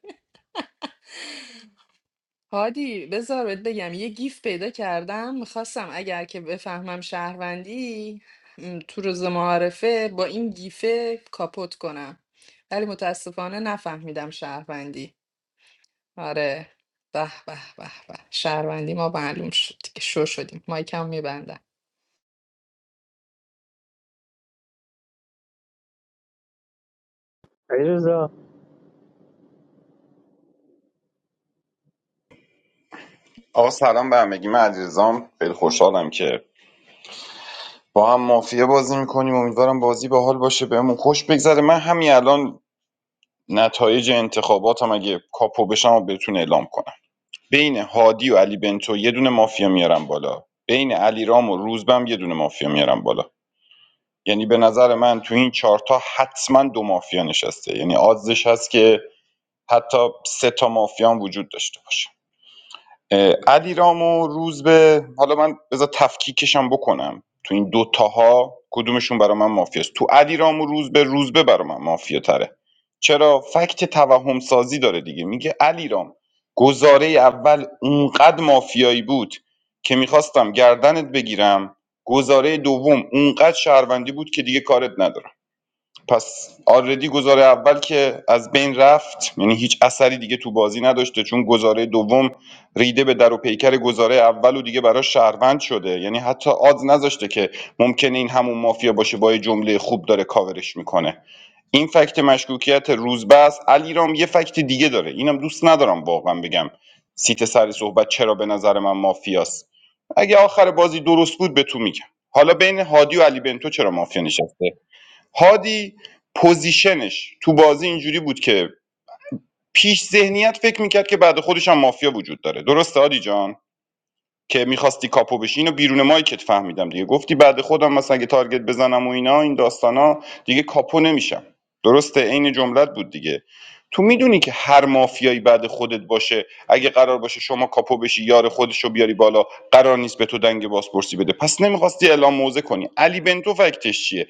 S1: هادی بذار بهت بگم یه گیف پیدا کردم میخواستم اگر که بفهمم شهروندی م، تو روز معارفه با این گیفه کاپوت کنم ولی متاسفانه نفهمیدم شهروندی آره به به به به شهروندی ما معلوم شد دیگه شو شدیم مایکم میبندم
S10: علیرضا
S6: آقا سلام به همگی من علیرضام خیلی خوشحالم که با هم مافیه بازی میکنیم امیدوارم بازی به حال باشه بهمون خوش بگذره من همین الان نتایج انتخاباتم اگه کاپو بشم و بهتون اعلام کنم بین هادی و علی بنتو یه دونه مافیا میارم بالا بین علی و روزبم یه دونه مافیا میارم بالا یعنی به نظر من تو این چهارتا حتما دو مافیا نشسته یعنی آزش هست که حتی سه تا مافیا هم وجود داشته باشه علیرام و روزبه حالا من بذار تفکیکشم بکنم تو این دوتاها کدومشون برا من مافیاست تو علیرام و روزبه روزبه برا من مافیا تره چرا فکت توهم سازی داره دیگه میگه علیرام گزاره اول اونقدر مافیایی بود که میخواستم گردنت بگیرم گزاره دوم اونقدر شهروندی بود که دیگه کارت ندارم پس آلردی گزاره اول که از بین رفت یعنی هیچ اثری دیگه تو بازی نداشته چون گزاره دوم ریده به در و پیکر گزاره اول و دیگه برای شهروند شده یعنی حتی آدز نذاشته که ممکنه این همون مافیا باشه با یه جمله خوب داره کاورش میکنه این فکت مشکوکیت روزبه است علیرام یه فکت دیگه داره اینم دوست ندارم واقعا بگم سیت سر صحبت چرا به نظر من مافیاست اگه آخر بازی درست بود به تو میگم حالا بین هادی و علی بنتو چرا مافیا نشسته هادی پوزیشنش تو بازی اینجوری بود که پیش ذهنیت فکر میکرد که بعد خودش هم مافیا وجود داره درسته هادی جان که میخواستی کاپو بشی اینو بیرون مایکت فهمیدم دیگه گفتی بعد خودم مثلا اگه تارگت بزنم و اینا این داستانا دیگه کاپو نمیشم درسته عین جملت بود دیگه تو میدونی که هر مافیایی بعد خودت باشه اگه قرار باشه شما کاپو بشی یار خودش رو بیاری بالا قرار نیست به تو دنگ بازپرسی بده پس نمیخواستی اعلام موزه کنی علی بنتو فکتش چیه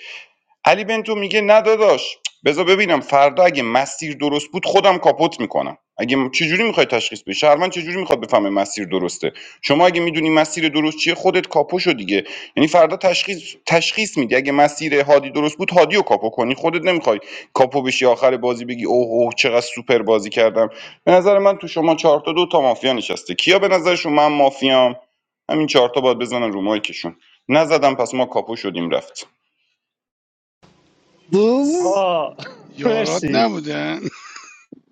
S6: علی بنتو میگه نه داداش بذار ببینم فردا اگه مسیر درست بود خودم کاپوت میکنم اگه م- چجوری میخوای تشخیص بدی شهروند چجوری میخواد بفهمه مسیر درسته شما اگه میدونی مسیر درست چیه خودت کاپو شو دیگه یعنی فردا تشخیص تشخیص میدی اگه مسیر هادی درست بود هادی رو کاپو کنی خودت نمیخوای کاپو بشی آخر بازی بگی اوه اوه چقدر سوپر بازی کردم به نظر من تو شما چهار تا دو تا مافیا نشسته کیا به نظرشون من مافیام همین چهار تا باید بزنن رو مایکشون نزدم پس ما کاپو شدیم رفت
S5: بوز
S10: آقا
S15: یارات
S10: مرسی
S15: نبودن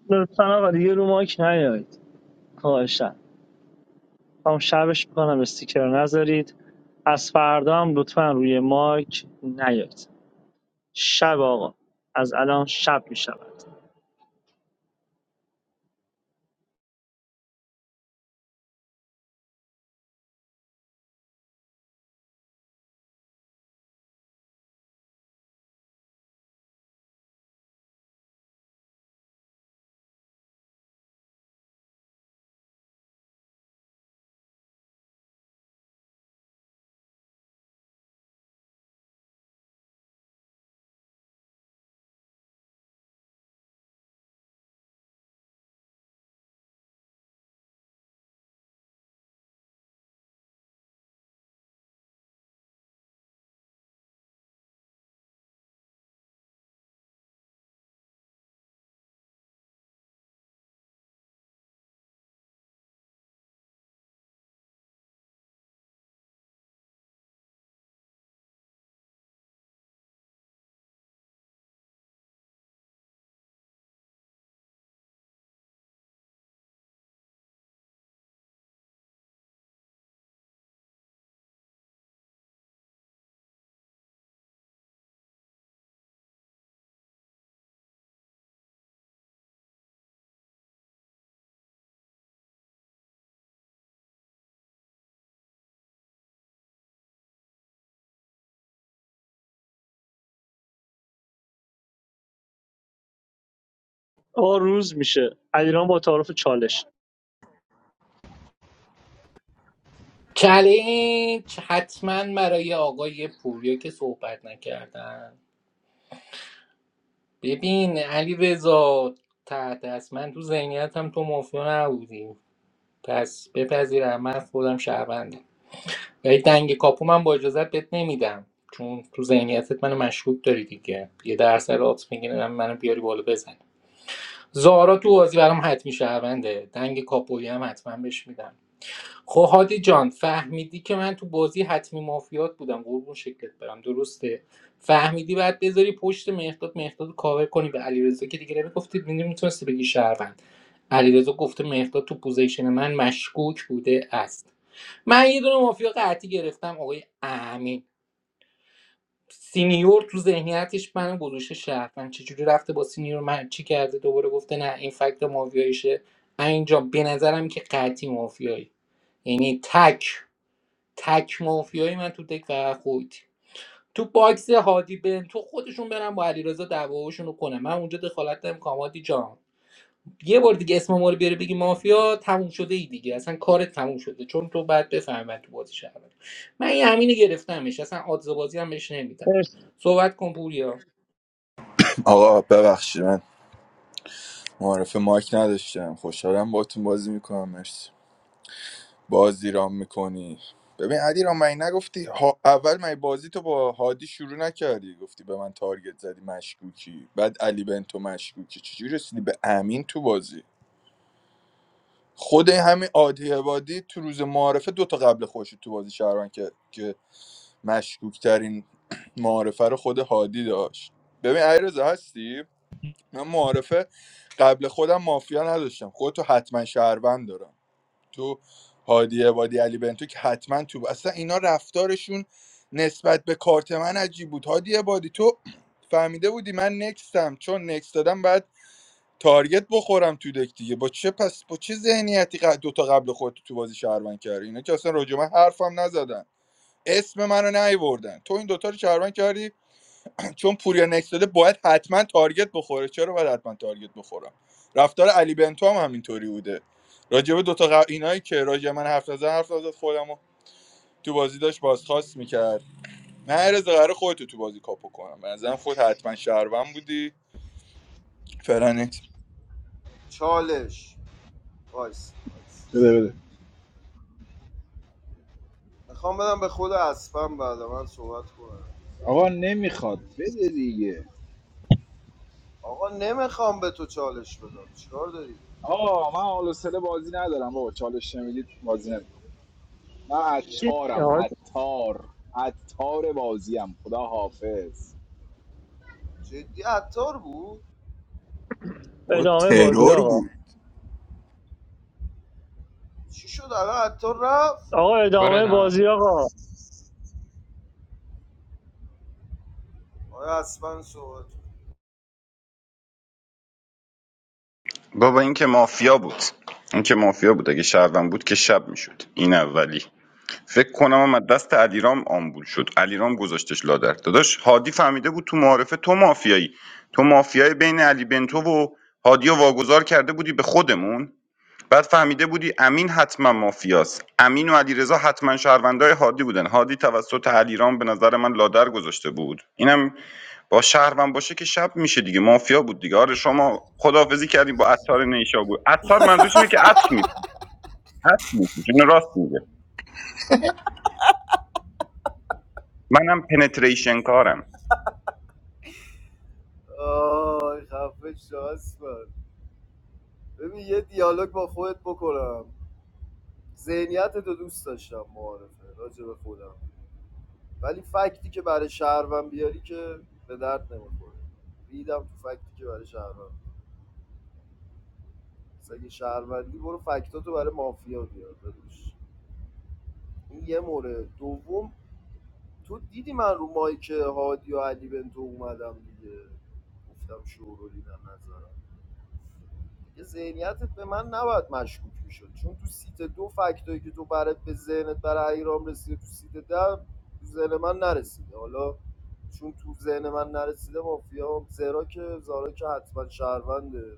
S10: لطفا آقا دیگه رو ماک نیایید خواهشم هم شبش میکنم استیکر نذارید از فردا هم لطفا روی ماک نیایید شب آقا از الان شب میشود آقا روز میشه علیرام با تعارف چالش
S4: چلنج حتما برای آقای پوریا که صحبت نکردن ببین علی رضا تحت است من تو ذهنیتم تو مافیا نبودی پس بپذیرم من خودم شهروندم. ولی دنگ کاپو من با اجازت بهت نمیدم چون تو ذهنیتت منو مشکوک داری دیگه یه درصد آت میگیرم منو بیاری بالا بزن زارا تو بازی برام حتمی شهرونده دنگ کاپویی هم حتما بهش میدم خب هادی جان فهمیدی که من تو بازی حتمی مافیات بودم قربون شکلت برم درسته فهمیدی بعد بذاری پشت مهداد مهداد رو کاور کنی به علیرضا که دیگه نمیگفتی میتونستی بگی شهروند علیرضا گفته مهداد تو پوزیشن من مشکوک بوده است من یه دونه مافیا قطعی گرفتم آقای امین سینیور تو ذهنیتش منو گذاشته شهر من چجوری رفته با سینیور من چی کرده دوباره گفته نه این فکت مافیاییشه اینجا به نظرم که قطعی مافیایی یعنی تک تک مافیایی من تو دک فقط خودی تو باکس هادی بن تو خودشون برن با علیرضا دعواشون رو کنن من اونجا دخالت نمیکنم هادی جان یه بار دیگه اسم ما رو بیاره بگی مافیا تموم شده ای دیگه اصلا کارت تموم شده چون تو بعد بفهمن تو بازی شهر من یه همینه گرفتمش اصلا آدزه بازی هم بهش نمیدم
S10: مرسی
S4: صحبت کن پوریا
S18: آقا ببخشید من معرف مایک نداشتم خوشحالم باتون بازی میکنم مرسی بازی رام میکنی ببین علی رام من نگفتی ها اول من بازی تو با هادی شروع نکردی گفتی به من تارگت زدی مشکوکی بعد علی بنتو مشکوکی چجوری رسیدی به امین تو بازی خود همین عادی عبادی تو روز معارفه دو تا قبل خوش تو بازی شهران که که مشکوک ترین معارفه رو خود هادی داشت ببین علیرضا هستی من معارفه قبل خودم مافیا نداشتم خودتو حتما شهروند دارم تو هادی عبادی علی بنتو که حتما تو اصلا اینا رفتارشون نسبت به کارت من عجیب بود هادی عبادی تو فهمیده بودی من نکستم چون نکست دادم بعد تارگت بخورم تو دک دیگه با چه پس با چه ذهنیتی ق- دوتا قبل خودتو تو بازی شهروند کردی اینا که اصلا راجع به من حرفم نزدن اسم منو نیوردن تو این دوتا رو شهروند کردی چون پوریا نکس داده باید حتما تارگت بخوره چرا باید حتما تارگت بخوره رفتار علی بنتو هم همینطوری بوده راجبه دوتا ق... اینایی که راجع من حرف نزن حرف نزد خودم تو بازی داشت بازخواست میکرد نه ارز قرار خودتو تو بازی کاپو کنم به نظرم خود حتما شهروند بودی فرانکس
S9: چالش وایس وایس.
S5: بده بده
S9: میخوام بدم به خود اسپم بعد من صحبت کنم
S5: آقا نمیخواد بده دیگه
S9: آقا نمیخوام به تو چالش بدم چیکار داری
S5: آقا من حال و سله بازی ندارم بابا چالش نمیدید بازی نمیدید من
S10: چی؟
S5: عطارم
S10: آقا،
S5: عطار عطار بازیم خدا حافظ
S9: جدی عطار بود
S18: بود
S10: ادامه بازی
S18: ترور
S10: آقا
S18: بود
S9: چی شد الان عطار رفت
S10: آقا
S17: برو
S10: ادامه
S17: ادامه.
S10: بازی آقا
S9: آیا اسپن صحبت کن.
S6: بابا این که مافیا بود این که مافیا بود اگه شهروند بود که شب میشد این اولی فکر کنم هم از دست علیرام آمبول شد علیرام گذاشتش لادر داداش هادی فهمیده بود تو معارفه تو مافیایی تو مافیای بین علی بنتو و هادی رو واگذار کرده بودی به خودمون بعد فهمیده بودی امین حتما مافیاست امین و علیرضا حتما شهروندای هادی بودن هادی توسط علیرام به نظر من لادر گذاشته بود اینم با شهروند باشه که شب میشه دیگه مافیا بود دیگه آره شما خداحافظی کردیم با عطار نیشابور عطار منظورش اینه که عطر می عطر می‌فروشه. اینو راست میگه منم پنتریشن کارم
S9: آی خفه شو اسپن ببین یه دیالوگ با خودت بکنم ذهنیت تو دوست داشتم معارفه راجع به خودم ولی فکتی که برای شهروند بیاری که به درد نمیخوره ریدم تو فکتی که برای شهروند مثلا اگه شهروندی برو فکتاتو برای مافیا بیار داداش این یه مورد دوم تو دیدی من رو مایک هادی و علی بنتو اومدم دیگه گفتم شورولی در نظرم که ذهنیتت به من نباید مشکوک میشد چون تو سیت دو فکتایی که تو برات به ذهنت برای ایران رسیده تو سیت ده تو ذهن من نرسیده حالا چون تو ذهن من نرسیده مافیا زرا که زارا که حتما شهرونده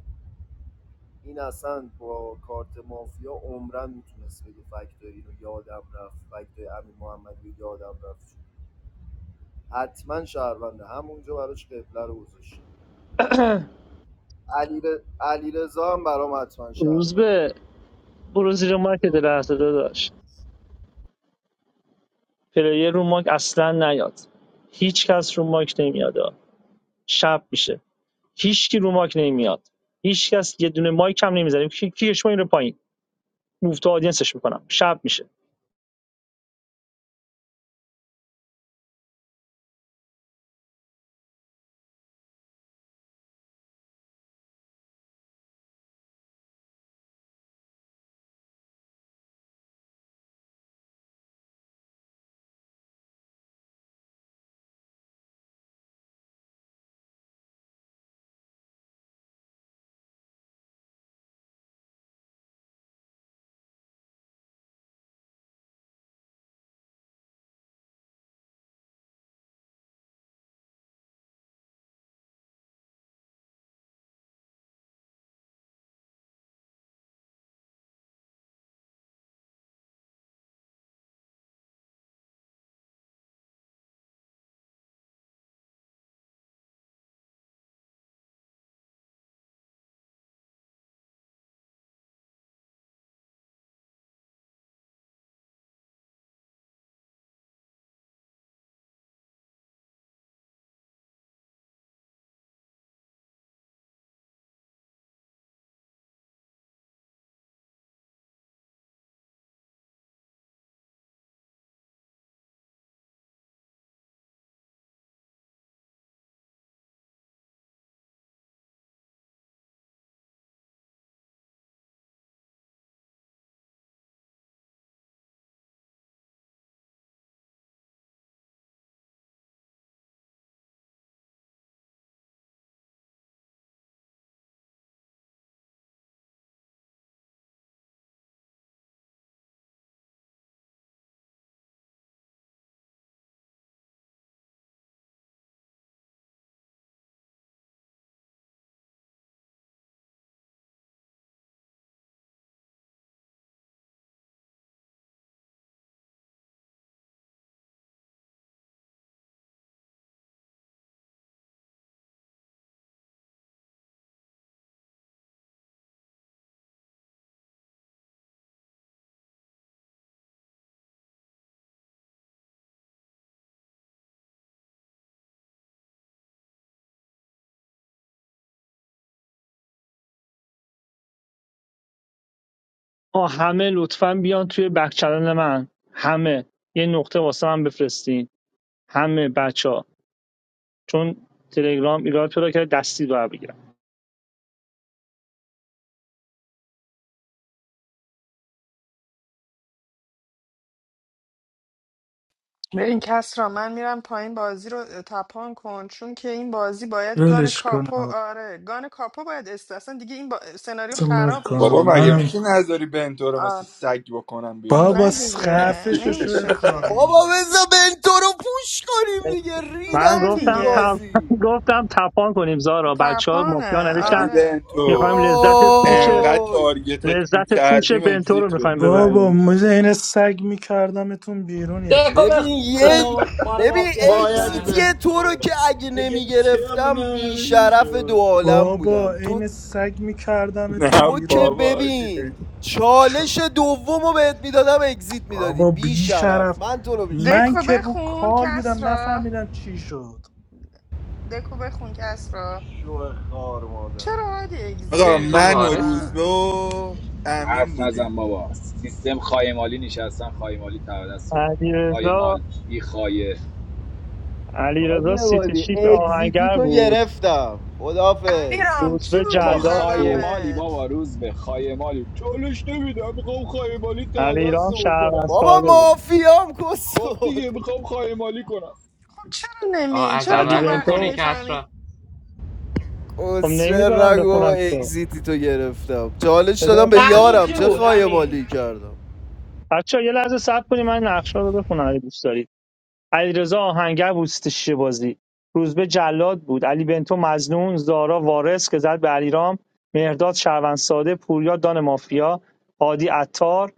S9: این اصلا با کارت مافیا عمرن میتونست بگه فکتای اینو یادم رفت فکتای امین محمدی رو یادم رفت حتما شهرونده همونجا براش قبله رو گذاشتم علیرضا علی هم برام حتما
S10: روز
S9: شهرونده
S10: به برو زیر ماک دل هفته داشت پلیر رو ماک اصلا نیاد هیچ کس رو ماک نمیاد آقا. شب میشه هیچکی رو ماک نمیاد هیچکس یه دونه مایک هم نمیزنه کی کیش ما این رو پایین موو تو آدینسش میکنم شب میشه آه همه لطفاً بیان توی بک چنل من همه یه نقطه واسه من بفرستین همه بچه چون تلگرام ایراد پیدا کرده دستی رو بگیرم
S1: به این کس را من میرم پایین بازی رو تپان کن چون که این بازی باید گان
S16: ولش کن
S1: کاپو
S16: آقا
S1: آره گان کاپو باید است اصلا دیگه این با... سناریو
S16: سمر
S1: خراب
S18: بابا
S1: میشه
S16: کن
S18: مگه
S1: دیگه
S18: میشه
S16: منم
S18: نذاری بنتو رو مثل
S1: آره
S18: سگ بکنم بیرون بدم
S16: بابا
S1: نه دیگه
S16: خفش شو
S1: نمیشه
S16: خار
S1: که
S9: بابا
S16: مادر
S9: بزا بنتو رو پوش کنیم دیگه
S10: من
S9: ریدم
S1: نه
S9: تو این
S10: گفتم
S1: دیگه
S10: تپ...
S9: بازی
S10: گفتم تپان کنیم زارا بچه ها مافیا
S1: تپانه
S18: علی
S10: نوشتن
S1: آره
S10: میخوایم
S18: بنتو
S10: لذت پوش
S18: انقدر
S9: اوی
S18: تارگتت
S10: لذت پوش
S18: میکردیم
S10: بنتو رو
S18: اگزیت
S10: میخوایم
S18: بدی دایی
S16: بابا
S10: ببریم
S16: مجه این سگ میکردمتون بیرون یکی
S4: دکو
S9: ببین
S16: یکی
S9: یه
S4: بخون ما رو
S9: ببین
S4: مافیا
S14: وای علی
S4: داشتن
S9: اگزیتی تو رو
S14: بنتو
S9: که اگه
S14: اگه
S9: نمیگرفتم
S14: ترنم
S9: بیشرف دو
S14: شد
S9: عالم
S16: بابا
S9: بودم تو
S16: عین سگ میکردمتون
S18: نه
S9: تو که
S16: بیرون
S18: بابا آجی.
S9: ببین چالش
S16: چا-
S9: دوم رو بهت میدادم اگزیت میدادی
S16: بابا بی
S9: بیشرف
S16: شرف
S9: من تو رو
S16: من
S1: دکو
S9: میشناسم
S16: که رو
S1: بخون
S16: کال
S1: کس
S16: بودم
S1: را
S16: نفهمیدم چی شد
S1: دکو بخون کس را
S9: شو خار مادر
S1: چرا باید
S18: آقا
S1: اگزیت
S17: بنتو
S1: میدی
S18: من و
S17: وارث
S1: واقعا
S17: بود
S18: روزبه و امین
S5: حرف
S18: بودیم
S5: نزن بابا سیستم خایمالی نشستن خایمالی تقدس رو بکنم
S10: علیرضا
S5: خایمال بی خایه
S9: حادی
S10: علیرضا سیت
S9: عبادی
S10: شیت
S9: اگزیتی
S10: آهنگر
S9: تو
S10: بود
S9: گرفتم خدافز
S1: علیرام
S10: یوسف
S1: چی
S5: بابا
S1: بودی
S10: جلاد
S1: زدم
S10: بود
S5: خایمالی
S1: بهت
S5: بابا روز به خایمالی چالش نمیدم میخوام خایمالی ته
S10: علی
S5: دست
S10: رام
S5: بکنم
S10: شهروند
S9: بابا
S10: ساده بود
S9: مافیام
S5: خب
S9: کسول
S5: دیگه میخوام خایمالی کنم
S1: خب چرا
S17: آه
S1: نمی
S17: از
S1: چرا تو
S10: علی
S17: اول
S1: وقتی
S17: میخونی
S10: بنتو
S17: که
S1: میفهمی
S17: اصرا
S10: خب
S9: چه
S10: نمیذارم
S9: رگ بابا
S10: بخونم تو
S9: اگزیتی تو گرفتم چالش
S10: بذار
S9: دادم به
S10: بخون
S4: امین
S9: یارم
S4: چی
S9: چه
S4: بود
S9: خواهی
S4: امین
S9: مالی کردم
S10: بچه یه لحظه صبر کنیم من نقشه رو بخونم اگه دوست دارید علیرضا آهنگر بود ستش بازی روزبه جلاد بود علی بنتو مزنون زارا وارث که زد به علیرام مهرداد شهروند ساده پوریا دان مافیا هادی عطار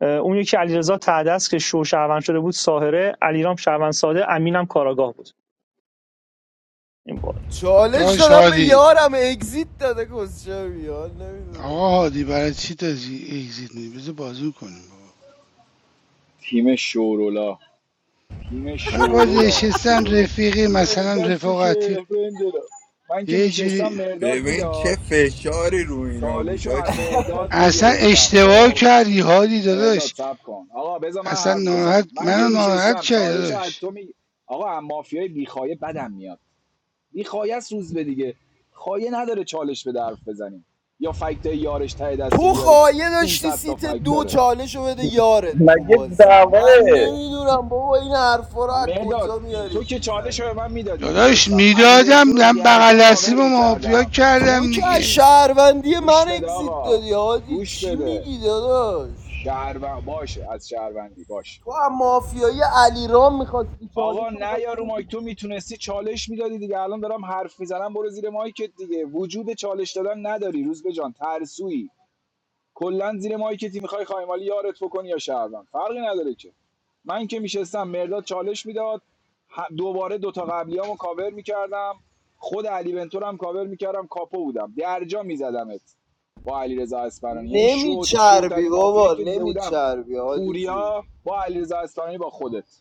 S10: اه، اون یکی علیرضا تعدس که شو شهروند شده بود ساهره علیرام شهروند ساده امینم کاراگاه بود این بود
S9: چالش
S15: داش
S9: دادم به
S15: هادی
S9: یارم اگزیت داده کسچه بیان
S15: آقا
S9: نمیدونم
S15: هادی برای چی داری اگزیت میدی بذار بازی کنیم بابا
S5: تیم شورولا تیم
S15: و با
S5: شورولا
S15: نشستن
S5: شورول
S15: رفیقی مثلا
S5: دستش
S15: رفاقتی
S5: افندرا من که
S15: یه
S5: میشستم
S15: جوری
S5: مرداد
S18: ببین چه
S5: میداد
S18: فشاری رو اینا
S5: چالش
S18: بود
S5: رو هم
S18: آجی
S5: مرداد
S15: اصلا
S5: میگرفتم
S15: اشتباه
S5: خب
S15: کردی هادی
S5: مرداد
S15: داداش
S5: سب کن آقا بذار من
S15: اصلا
S5: حرف
S15: ناراحت
S5: بزنم من که
S15: منو ناراحت
S5: میشستم
S15: کردی
S5: چالش رو از
S15: داداش
S5: تو می آقا هم مافیای بیخایه بدم میاد بیخایه سوز به دیگه خایه نداره چالش به درف بزنیم یا فکت یارش ته دست
S9: تو
S5: بیاریم
S9: خواهی داشتی
S5: 500 تا
S9: سیت
S5: فکت
S9: دو
S5: داره
S9: چالش رو بده یارت تو بازی من نمیدونم بابا این حرفا رو از
S5: مداد
S9: کجا
S5: تو
S9: میارید
S5: که چالش رو به
S9: میزنید
S5: من میدادی
S15: داداش
S5: میشستم علی
S15: میدادم
S5: بنتو رو
S15: من
S5: درجا
S15: بغل دستیم
S5: کاور
S15: مافیا
S5: میکردم
S9: تو
S15: کردم
S9: که از
S15: دیگه
S9: شهروندی من
S5: گوش بده
S9: اگزیت
S5: آقا
S9: دادی هادی
S5: گوش
S9: چی
S5: بده
S9: میگی داداش
S5: شهروند باشه از شهروندی باشه
S9: تو هم مافیای علیرام میخواستی چالش
S5: آقا
S9: رو
S5: نه
S9: میخواستی
S5: یارو
S9: بدی
S5: مایک تو میتونستی چالش میدادی دیگه الان دارم حرف میزنم برو زیر مایکت دیگه وجود چالش دادن نداری روز به جان ترسویی کلا زیر مایکتی میخوای خایمالی یارت بکنی یا شهروند فرقی نداره که من که میشستم مرداد چالش میداد ه- دوباره دوتا قبلیامو کاور میکردم خود علی بنتور هم کاور میکردم کاپو بودم درجا میزدمت با علی رضا یعنی شو
S9: نمیچربی
S5: شوترین مافیایی
S9: بابا
S5: که دیده بودم
S9: نمیچربی حاجی جو
S5: پوریا با علی رضا با خودت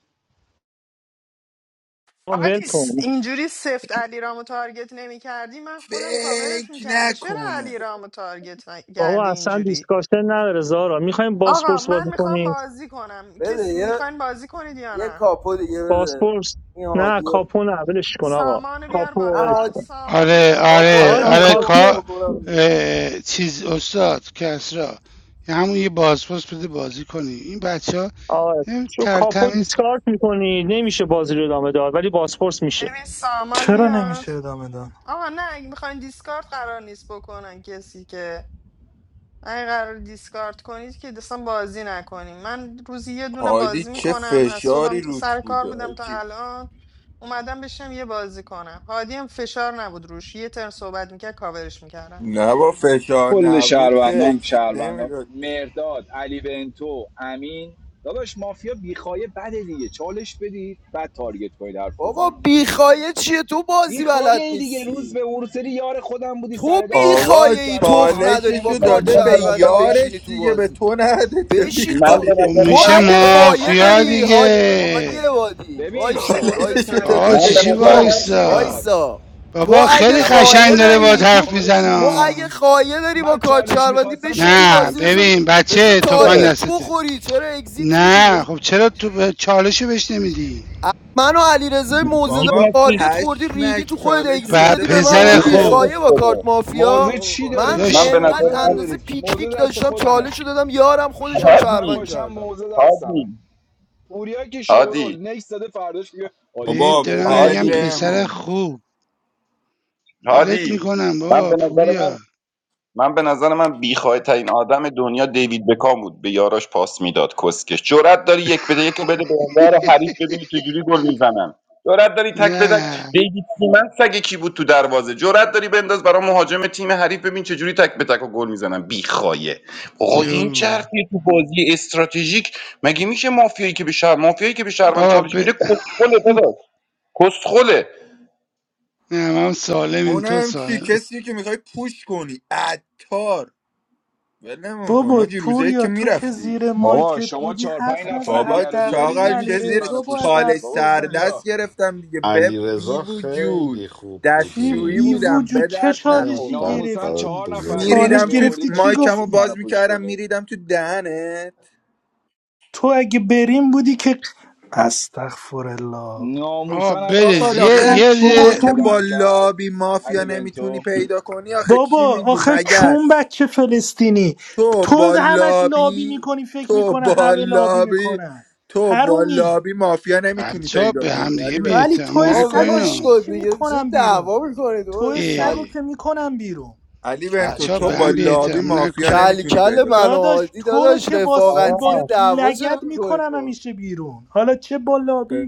S10: ول
S1: آدیس
S10: کن
S1: اینجوری سفت علیرامو تارگت نمی کردی من خودم کاورت
S18: فکر
S1: میکردم چرا
S18: نکنه
S1: علیرامو تارگت ن-
S10: بابا
S1: کردی
S10: اصلا
S1: اینجوری
S10: دیسکاشن نداره زارا میخوایم
S1: آقا
S10: باسپورس
S1: من
S10: بازی
S1: میخوام
S10: کنید
S1: بازی کنم
S9: بده
S1: کسی
S9: یه
S1: میخواین بازی کنید یا
S9: یه
S1: نه
S9: کاپو دیگه بده
S10: باسپورس
S9: این
S10: نه
S9: هادیو
S10: کاپو نه ولش کن آقا
S1: سامان بیار
S10: کاپو
S9: نه
S10: ولش
S1: بالا
S10: کن
S9: هادی
S1: سامان
S15: آره
S1: بیار
S9: کاپو
S1: بالا
S15: آره
S9: بده
S10: آقا دی
S15: آره
S9: هادیو
S10: کاپو
S9: میخوام
S15: کا
S9: بکنم بیرون
S15: چیز استاد کسرا یه همون یه بازپرس بده بازی کنی این بچه ها
S10: آقا چون کاپو
S15: ترتمیز
S10: دیسکارد میکنی نمیشه بازی رو ادامه داد ولی باسپورس میشه
S1: ببین سامان
S16: چرا
S1: میاد
S16: نمیشه ادامه داد
S1: آقا نه اگه میخواین دیسکارد قرار نیست بکنن کسی که اگه قرار دیسکارد کنید که اصلا بازی نکنیم من روزی یه دونه
S18: هادی
S1: بازی
S18: چه
S1: میکنم از
S18: فشاری
S1: صبحم تا-
S18: روت
S1: سر
S18: بود
S1: کار بودم تا
S18: آجی
S1: الان اومدم بشم یه بازی کنم هادی هم فشار نبود روش یه ترن صحبت میکرد کاورش میکردم
S18: نه با فشار
S5: کل
S18: نبود که
S5: شهروندان
S18: اگزیت
S5: شهروندان
S18: نمیداد
S5: مرداد علی بنتو امین داداش مافیا بیخایه بده دیگه چالش بدید بعد تارگت کنید حرف
S9: بابا
S5: بزنید
S9: بیخایه چیه تو بازی بلد
S5: میخوای دیگه روز
S9: نیستی
S5: به ورسری یار خودم بودی
S9: تو
S5: سر دست
S18: آقا
S9: بیخایه
S5: شهروندت
S9: ای
S5: کرده بودن
S9: تخم
S5: حرف
S9: نداری با
S18: چالششو
S6: من
S9: کارت
S5: نمیزدی
S18: داده
S6: به
S18: به
S9: شهروندی
S6: نظر
S9: بشینی
S18: یارش
S9: تو
S18: دیگه به
S9: بازی
S18: تو نده چه
S6: من
S9: بشین
S6: من
S9: تو
S6: به
S15: خب
S6: نظر
S18: میخوایی
S9: تو
S15: میشه
S6: من
S9: اگه
S5: یارش
S9: خایه
S5: آخه
S15: مافیا
S9: داری
S5: ببین
S9: هاد...
S5: شورول ت...
S9: هادی
S15: دیگه
S9: عبادی
S5: ببین
S9: وایسا
S5: شورول
S18: چالششو
S9: وایسا
S5: ته
S9: تو
S18: داده
S15: با
S5: دست رو
S6: من
S18: به
S6: به
S15: چیچی
S5: ببین
S6: نظر
S18: یارش
S6: من
S9: تو
S5: چالش
S15: وایسا
S5: نمیخواست
S9: وایسا تو
S15: بابا
S9: اگه
S15: خیلی
S6: تپ و
S5: شورول
S6: تپ
S9: خایه
S15: قشنگ داره
S5: ته
S15: با
S9: داری
S5: دست
S9: تو
S15: حرف
S5: چالش
S9: تو
S5: نمیخواست
S9: اگه
S15: میزنه
S9: خایه داری با
S5: من
S9: کارت
S5: چالش
S9: شهروندی
S5: میخواستم
S9: بشین تو
S5: چالش
S15: نه
S9: بازی
S5: میخواست
S9: بذار
S15: ببین
S5: بگیره
S9: بذار
S15: بچه تفنگ
S6: گوشته
S9: تارگت
S15: دستته
S9: بخوری چرا اگزیت میدی
S15: نه
S9: بذار-
S15: خب چرا تو به- چالشو بهش نمیدی
S9: من و علیرضا موزه
S18: بابا
S6: میدونستی
S9: تارگت خوردی ریدی
S18: پشمک
S9: تو خودت
S18: چالشو
S9: اگزیت
S15: و
S18: داده
S9: دادی به
S18: به
S9: من
S15: پسر
S9: میگی
S6: روزا رو
S15: خوب
S6: گوش
S9: بیخایه
S18: یارش
S9: با کارت
S6: بده
S9: مافیا
S5: موزه
S18: چیکار
S5: چی
S18: بکنم
S5: دارید
S9: من
S5: شما
S6: من
S15: داداش
S6: به نظر
S5: موزه
S9: انقدر
S6: من
S9: اندازه
S5: ندارید که موزه
S9: پیکنیک
S5: دست
S9: داشتم
S5: خودمه
S9: چالش دادم یارم خودشم
S5: شهروند
S9: شهروند
S5: باشم
S9: کردم
S5: موزه دستمه
S6: هادی
S5: پوریا که
S6: هادی
S5: شورول نکس داده فرداش میگه آدی که
S15: بهت
S18: بابا
S15: دارم
S5: خیلی
S15: میگم
S5: مشکوکی
S15: پسر
S18: ولمون
S15: خوب ولت
S6: هادی
S15: میکنم
S6: من
S15: بابا
S6: به نظر من
S15: پوریا
S6: من به نظر من بیخواه ترین آدم دنیا دیوید بکام بود به یاراش پاس میداد کسکش جرأت داری یک بده یک رو بده به انگار حریف ببینی چجوری گل میزنن جرأت داری تک به تک
S15: نه
S6: دیوید سیمن سگ کی بود تو دروازه جرأت داری بنداز برای مهاجم تیم حریف ببین چجوری تک به تک و گل میزنن بیخایه آقا این
S15: جون
S6: چرتیه تو بازی استراتژیک مگه میشه مافیایی که به شهر مافیایی که به شهروند
S15: بابا ب...
S6: چالش میده کسخله داداش کسخله
S15: نه من سالمیم تو
S18: اونم چی
S15: سالم
S18: کسی که میخوای پوش کنی عطار ولمون کن
S16: بابا
S18: حاجی روزه یک که
S16: پوریا تو که
S18: میرفتی
S16: زیر
S5: بابا
S16: مایکت
S5: شما
S16: بودی
S5: چهار پنج
S16: حرف
S5: نفر
S16: نزن
S18: بابا
S5: دیگر رو
S16: حداقل
S5: بیارید
S16: این
S18: چاقل
S16: علی
S18: چه
S5: نمیتونید
S18: زیر
S5: منو
S16: رضا
S5: پوش
S16: باید
S5: کنید
S18: چالش
S16: حرف
S5: بابا پوریا
S16: بزنه
S18: سردست گرفتم دیگه به
S14: علی
S18: بی
S14: خیلی
S18: وجود
S14: خوب
S16: چی
S18: دستشویی
S14: بودی
S16: بی
S18: بودم
S16: وجود
S18: به
S16: چه
S18: درد
S14: یه دونه
S16: چالشی
S18: نخور
S14: قلب
S5: ناموسن
S16: گرفتی
S5: چهار نفر
S14: برات
S5: دیگر هم
S16: چالش
S18: میریدم تو
S16: گرفتی
S5: میآوردید
S16: چی
S18: مایکم رو
S5: نمیتونستید
S16: گفتی
S5: منو
S18: باز
S5: پوش
S18: میکردم
S5: کنید
S18: میریدم تو دهنت
S16: تو اگه بریم بودی که استغفر الله
S15: آقا
S5: ناموسن علی
S15: برز
S18: چاقال
S5: بنتو
S15: یه
S18: آخه
S5: میدونی
S16: چقدر
S5: چی
S16: بابا
S18: تو
S15: یه
S18: که
S16: پوری
S18: با
S5: آمبولم کرد
S18: لابی مافیا
S5: علی بنتو
S18: نمیتونی پیدا کنی آخه چی
S16: بابا
S18: میگی
S16: آخه چون
S18: مگس
S16: بچه فلسطینی
S18: تو
S16: تو
S18: با
S16: همش لابی
S18: لابی
S16: میکنی فکر
S18: تو
S16: میکنه
S18: با
S16: همه لابی
S18: لابی
S16: میکنن
S18: تو با
S16: هرومی
S18: لابی مافیا نمیتونی
S15: بچه ها
S18: پیدا
S15: به هم
S18: کنی
S15: دیگه
S18: علی
S15: بی
S18: بنتو
S16: ولی
S15: احترام
S16: تو
S9: آقا
S16: سگا
S9: ولش
S15: نکنین
S16: عین
S9: کن
S16: چی
S9: دیگه چه
S16: میکنم بیرون
S9: دعوا میکنید
S16: تو
S9: آقا
S15: اه.
S9: کل
S16: سگو که میکنم بیرون
S18: علی
S9: کل
S18: بنتو
S15: بچه ها
S18: تو
S15: به
S9: کل
S18: با
S15: هم بی
S18: لابی
S15: احترامی
S18: مافیا
S15: نکنین
S9: کل
S18: نمیتونی
S9: کل
S18: پیدا
S9: منو
S18: کنی
S9: و
S16: داداش تو رو
S9: داداش
S16: که با, س- با
S10: آقا
S9: رفاقتیه دعوا چرا
S16: لگد
S9: میکنید
S16: میکنم
S9: با
S16: همیشه بیرون حالا چه با لابی